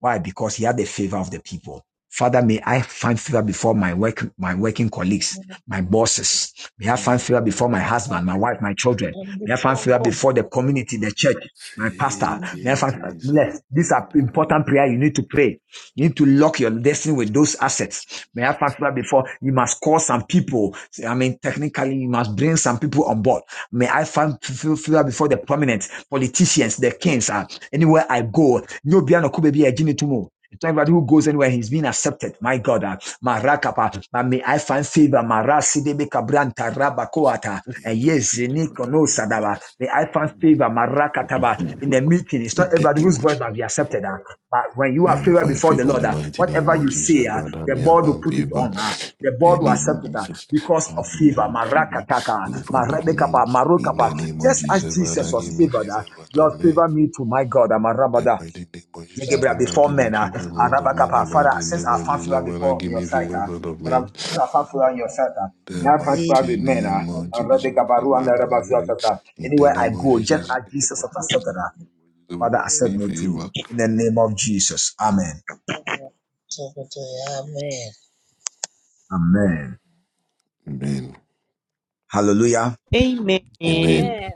A: Why? Because he had the favor of the people. Father, may I find favor before my work, my working colleagues, my bosses. May I
B: Yeah,
A: find favor
B: thank
A: before
B: you.
A: my husband, my wife, my
B: Yeah,
A: children.
B: thank
H: And the
A: May I
B: you.
A: find
H: one
A: favor
H: God,
A: before the community, the church, my pastor.
B: Seek
A: May I
B: it
A: find
B: is a
A: bless. These are
B: God.
A: important prayer you need to pray. You need to lock your destiny with those assets. May I find favor before you must call some people. I mean, technically, you must bring some people on board. May I find favor before the prominent politicians, the kings. ah. Anywhere I go, no biano kube be a genie to move. Everybody who goes anywhere, he's been accepted. My God, ah, Marakapa, but may I find favor. Marasi de Bekabranta Rabakoata,
B: Yeah,
A: and
B: thank
A: yes,
B: you, of
A: Zeniko no
B: brother.
A: Sadaba. May I find favor. Marakataba in the meeting. It's
B: We
A: not
B: take
A: everybody
B: the
A: whose voice
B: much.
A: must be accepted. ah. But when you
B: May
A: are
B: I
A: favored
B: find
A: before the
B: favor in
A: Lord,
B: the
A: ah,
B: mighty name
A: whatever
B: of
A: you say,
B: Jesus,
A: ah,
B: Father.
A: the
B: May I
A: board will
B: find
A: put it
B: favor
A: on. ah.
B: in
A: The
B: the
A: board will
B: name of
A: accept it ah,
B: Jesus,
A: because
B: Father.
A: of
B: May
A: favor.
B: I have favor
A: Marakataka.
B: in front of
A: Marabe
B: men
A: kapa, Marebekapa,
B: in
A: kapa.
B: the name of
A: Just as
B: Jesus,
A: Jesus
B: Father.
A: was
B: Give me
A: favored,
B: favor
A: uh,
B: in front of
A: Lord,
B: men.
A: favor me to my God. I'm a
B: In The
A: rabada.
B: mighty name of Jesus,
H: there
A: Yegebra,
H: is
B: Father,
H: a
A: Before
B: give me
A: men, uh,
B: favor in front of men. In The
A: arabakapa. Father,
B: mighty
A: since
B: name
A: I
B: of
A: found
B: Jesus,
A: favor
B: Father,
A: before
B: give
A: your
B: me
A: sight,
B: favor in
A: uh,
B: front of
A: Rab-
B: men. In
A: since I found favor in your sight, uh,
B: The
A: now I found
H: deeper,
A: favor
B: mighty
A: with men. Uh,
B: name of Jesus,
A: arabekabaru
B: favor
A: and
B: in front of men.
A: arabazotata.
B: In the
A: Anywhere I
B: name of
A: go, just
B: Jesus, in
A: as
B: the name
A: Jesus
B: of
A: was
B: Jesus, in the
A: accepted, uh,
B: name of Jesus, give
A: Father, accept
H: deeper,
B: me
A: me too.
B: favor.
A: In the name of Jesus. Amen.
H: deeper, deeper. Amen.
A: Amen.
B: Amen.
A: Hallelujah.
G: Amen.
E: Amen.
B: Amen.
G: Amen.
E: Amen.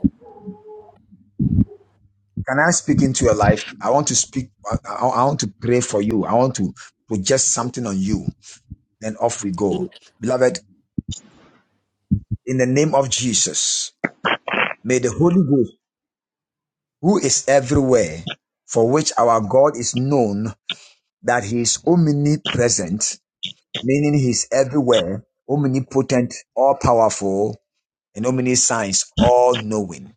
A: Can I speak into your life? I want to speak. I, I I want to pray for you. I want to project something on you. then off we go. Beloved, in the name of Jesus, may the Holy Ghost, who is everywhere, for which our God is known that he is omnipresent, meaning he is everywhere, omnipotent, all powerful, and omniscience, all knowing.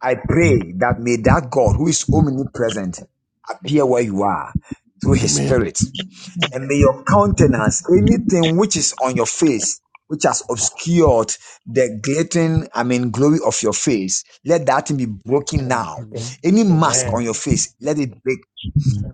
A: I pray that may that God who is omnipresent appear where you are through his
B: Amen.
A: spirit and may your countenance, anything which is on your face, which has obscured the glittering, I mean, glory of your face, let that thing be broken
K: Amen.
A: now. Any mask on
K: Amen.
A: your face, let it break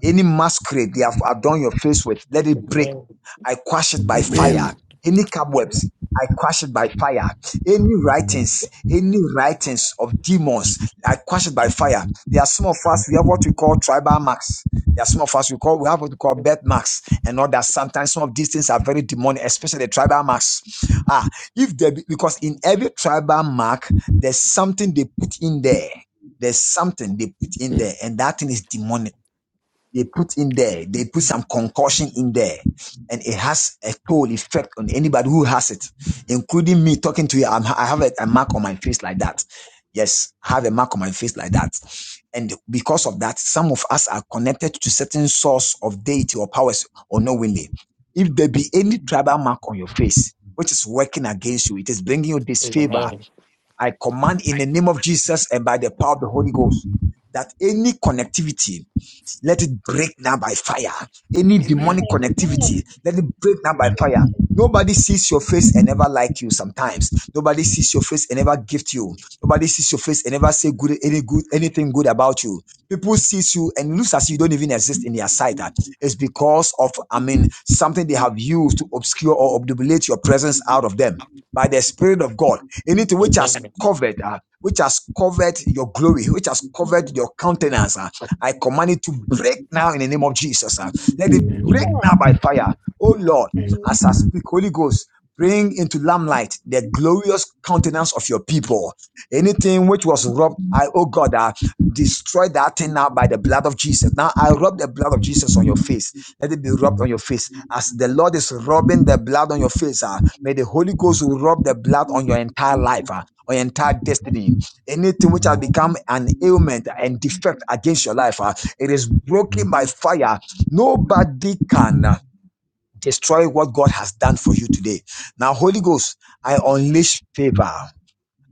A: any masquerade they have adorned your face with, let it break.
K: Amen.
A: I quash it by fire.
B: Amen.
A: Any cobwebs, I quash it by fire. Any writings, any writings of demons, I quash it by fire. There are some of us, we have what we call tribal marks. There are some of us we call we have what we call birth marks and all that. Sometimes some of these things are very demonic, especially the tribal marks. Ah, if there be, because in every tribal mark, there's something they put in there. There's something they put in
B: Mm.
A: there, and that thing is demonic they put in there, they put some concussion in there, and it has a toll effect on anybody who has it, including me talking to you. I'm, I have a, a mark on my face like that. Yes, I have a mark on my face like that. And because of that, some of us are connected to certain source of deity or powers unknowingly. If there be any tribal mark on your face, which is working against you, it is bringing you disfavor.
K: Amen.
A: I command in the name of Jesus and by the power of the Holy Ghost that any connectivity let it break now by fire. Any
E: Amen.
A: demonic
B: Amen.
E: Amen.
A: connectivity, let it break now by fire. Nobody sees your face and never like you sometimes. Nobody sees your face and never gift you. Nobody sees your face and never say good any good anything good about you. People sees you and looks as if you don't even exist in their sight. It's because of I mean something they have used to obscure or obdulate your presence out of them by the Spirit of God. Anything which has
K: Amen.
A: covered, uh, which has covered your glory, which has covered your countenance, uh, I command it to break now in the name of Jesus. ah. Let it
B: Amen.
A: break now by fire. Oh Lord,
B: Amen.
A: as I speak, Holy Ghost, bring into lamplight the glorious countenance of your people. Anything which was robbed, I, oh God, ah, destroy that thing now by the blood of Jesus. Now I rub the blood of Jesus on your face. Let it be rubbed on your face. As the Lord is rubbing the blood on your face, ah, may the Holy Ghost rub the blood on your entire life, ah, on your entire destiny. Anything which has become an ailment and defect against your life, uh, it is broken by fire. Nobody can uh, destroy what God has done for you today. Now, Holy Ghost, I unleash favor.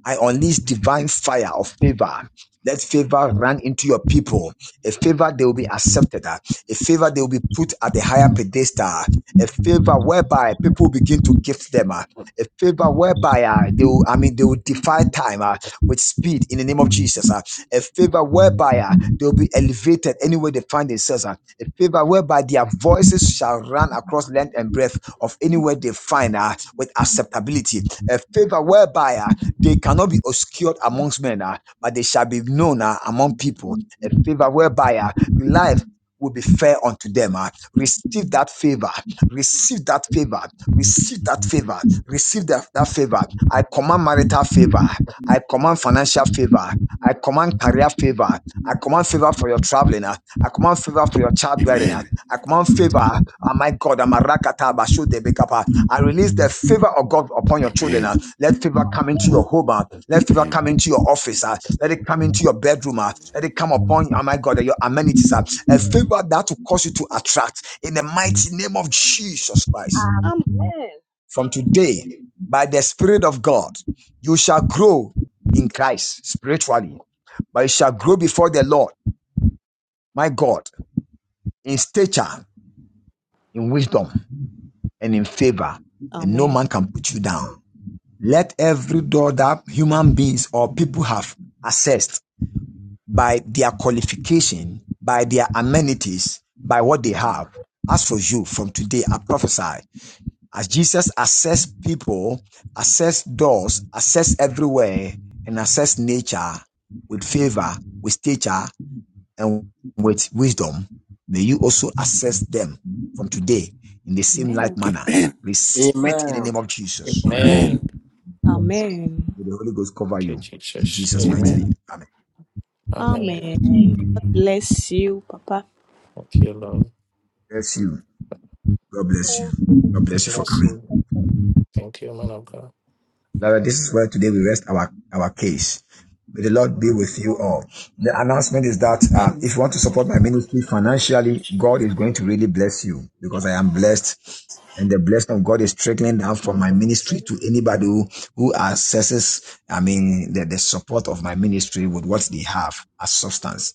A: I unleash divine fire of favor. Let favor run into your people. A favor they will be accepted. uh, A favor they will be put at the higher pedestal. A favor whereby people begin to gift them. uh, A favor whereby uh, they will, I mean, they will defy time uh, with speed in the name of Jesus. uh, A favor whereby uh, they will be elevated anywhere they find themselves. uh, A favor whereby their voices shall run across length and breadth of anywhere they find uh, with acceptability. A favor whereby uh, they cannot be obscured amongst men, ah, but they shall be known ah, among people. A favor whereby ah, life will be fair unto them. ah. Receive that favor. Receive that favor. Receive that favor. Receive that, that favor. I command marital favor. I command financial favor. I command career favor. I command favor for your traveling. ah. I command favor for your childbearing. ah.
B: Amen.
A: I command favor. ah, my God, I'm a rakata bashu de bekapa. I release the favor of God upon
B: Amen.
A: your children. ah.
B: Amen.
A: Let favor come into your
E: Amen.
A: home. ah. Let favor
B: Amen.
A: come into your office. ah. Let it come into your bedroom. ah. Let it come upon, oh my God, your amenities. ah. A favor that will cause you to attract in the mighty name of Jesus Christ.
G: Amen.
E: Amen.
A: From today, by the Spirit of God, you shall grow in Christ spiritually, but you shall grow before the Lord, my God, in stature, in wisdom, and in favor, and no
G: Amen.
A: man can put you down. Let every door that human beings or people have accessed by their qualification, by their amenities, by what they have. As for you, from today, I prophesy. As Jesus assess people, assess doors, assess everywhere, and assess nature with favor, with stature, and with wisdom, may you also assess them from today in the same like
G: Amen.
A: manner. Receive it in the
J: Amen.
A: name of Jesus.
K: Amen.
B: Amen.
E: Jesus.
G: Amen.
A: May the Holy Ghost cover
K: Thank you,
A: you in
K: Jesus.
A: Jesus' mighty
K: Amen.
B: Amen.
A: name.
E: Amen.
A: Amen.
K: Amen.
E: Amen.
G: Amen. God bless you, Papa.
K: Thank you, Lord.
A: Bless you. God bless you.
E: Thank
A: God
E: you.
K: God
A: bless you for
K: Bless
E: Daddy.
A: coming.
K: you. Thank you, man of God.
A: Lord, this is where today we rest our, our case. May the Lord be with you all. The announcement is that
F: Amen.
A: um, if you want to support my ministry financially, God is going to really bless you because I am blessed. And the blessing of God is trickling down from my ministry to anybody who, who assesses. I mean, the, the support of my ministry with what they have as substance.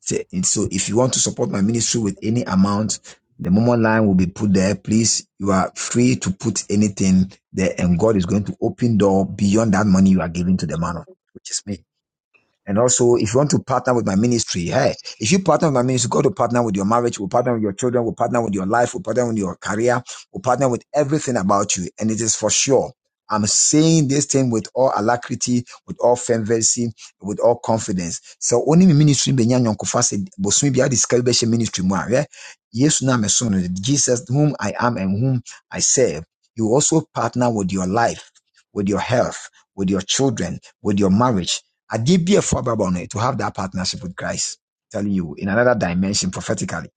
A: Say- So if you want to support my ministry with any amount, the Momo line will be put there. Please, you are free to put anything there, and God is going to open door beyond that money you are giving to the man of God, which is me. And also, if you want to partner with my ministry, hey, if you partner with my ministry, go to partner with your marriage, will partner with your children, will partner with your life, will partner with your career, will partner with everything about you. And it is for sure. I'm saying this thing with all alacrity, with all fervency, with all confidence. So only me ministry benya nyonkofa se bosumi bia discover beshe ministry mu a, yeah. Yesu na me so no, Jesus whom I am and whom I serve. You also partner with your life, with your health, with your children, with your marriage I give you a forbabone to have that partnership with Christ. I'm Telling you in another dimension prophetically, I'm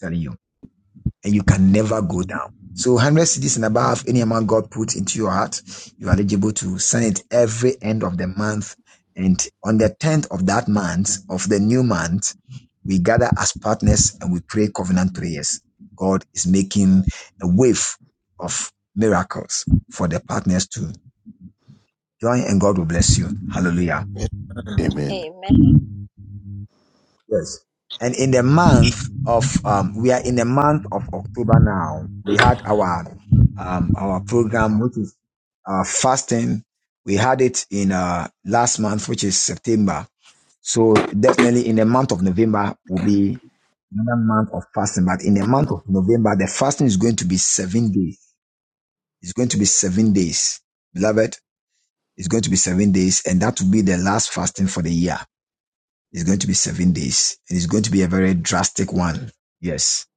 A: telling you, and you can never go down. So 100 cities and above, any amount God put into your heart, you are eligible to send it every end of the month. And on the 10th of that month, of the new month, we gather as partners and we pray covenant prayers. God is making a wave of miracles for the partners to join and God will bless you. Hallelujah.
J: Amen.
B: Amen.
E: Amen.
A: Yes. And in the month of, um, we are in the month of October now. We had our, um, our program, which is, uh, fasting. We had it in, uh, last month, which is September. So definitely in the month of November will be another month of fasting. But in the month of November, the fasting is going to be seven days. It's going to be seven days. Beloved, it's going to be seven days. And that will be the last fasting for the year. It's going to be seven days, and it's going to be a very drastic one. Yes,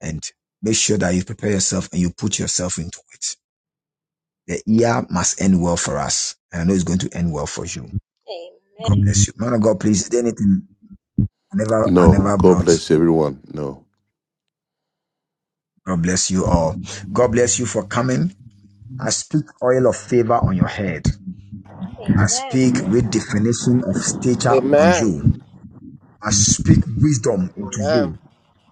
A: and make sure that you prepare yourself and you put yourself into it. The year must end well for us, and I know it's going to end well for you. God
E: Amen.
A: bless you, man of God. Please, is there anything I never, I
B: No,
A: never
B: God
A: brought?
B: bless everyone. No.
A: God bless you all. God bless you for coming. I speak oil of favor on your head. I
E: Amen.
A: speak redefinition of stature on
J: Amen.
A: you. I speak wisdom into
J: Amen.
A: you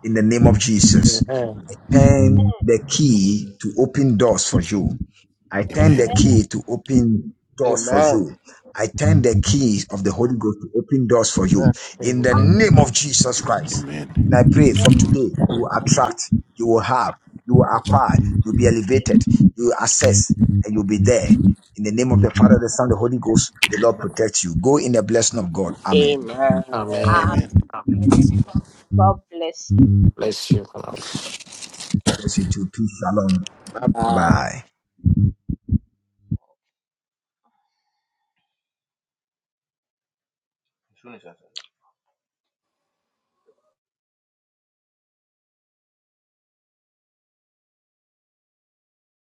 A: in the name of Jesus.
K: Amen.
A: turn the key to open doors for you. I turn
E: Amen.
A: the
K: Amen.
B: Amen.
A: key to open doors for
J: Amen.
A: you. I turn the keys of the Holy Ghost to open doors for you
J: Amen.
A: in the
K: Amen.
E: Amen.
A: name of Jesus Christ.
B: Amen.
A: And I pray
E: Amen.
A: from today, you will attract, you will have, you will acquire, you'll be elevated, you will access, and you'll be there. In the name of the Father, the Son, the Holy Ghost, may the Lord protect you. Go in the blessing of God. Amen.
J: Amen.
K: Amen.
B: Amen.
E: Amen. God bless
K: Bless you, man of God.
A: Bless you too. Peace. Shalom.
J: Bye.
A: Bye
J: bye.
A: bye.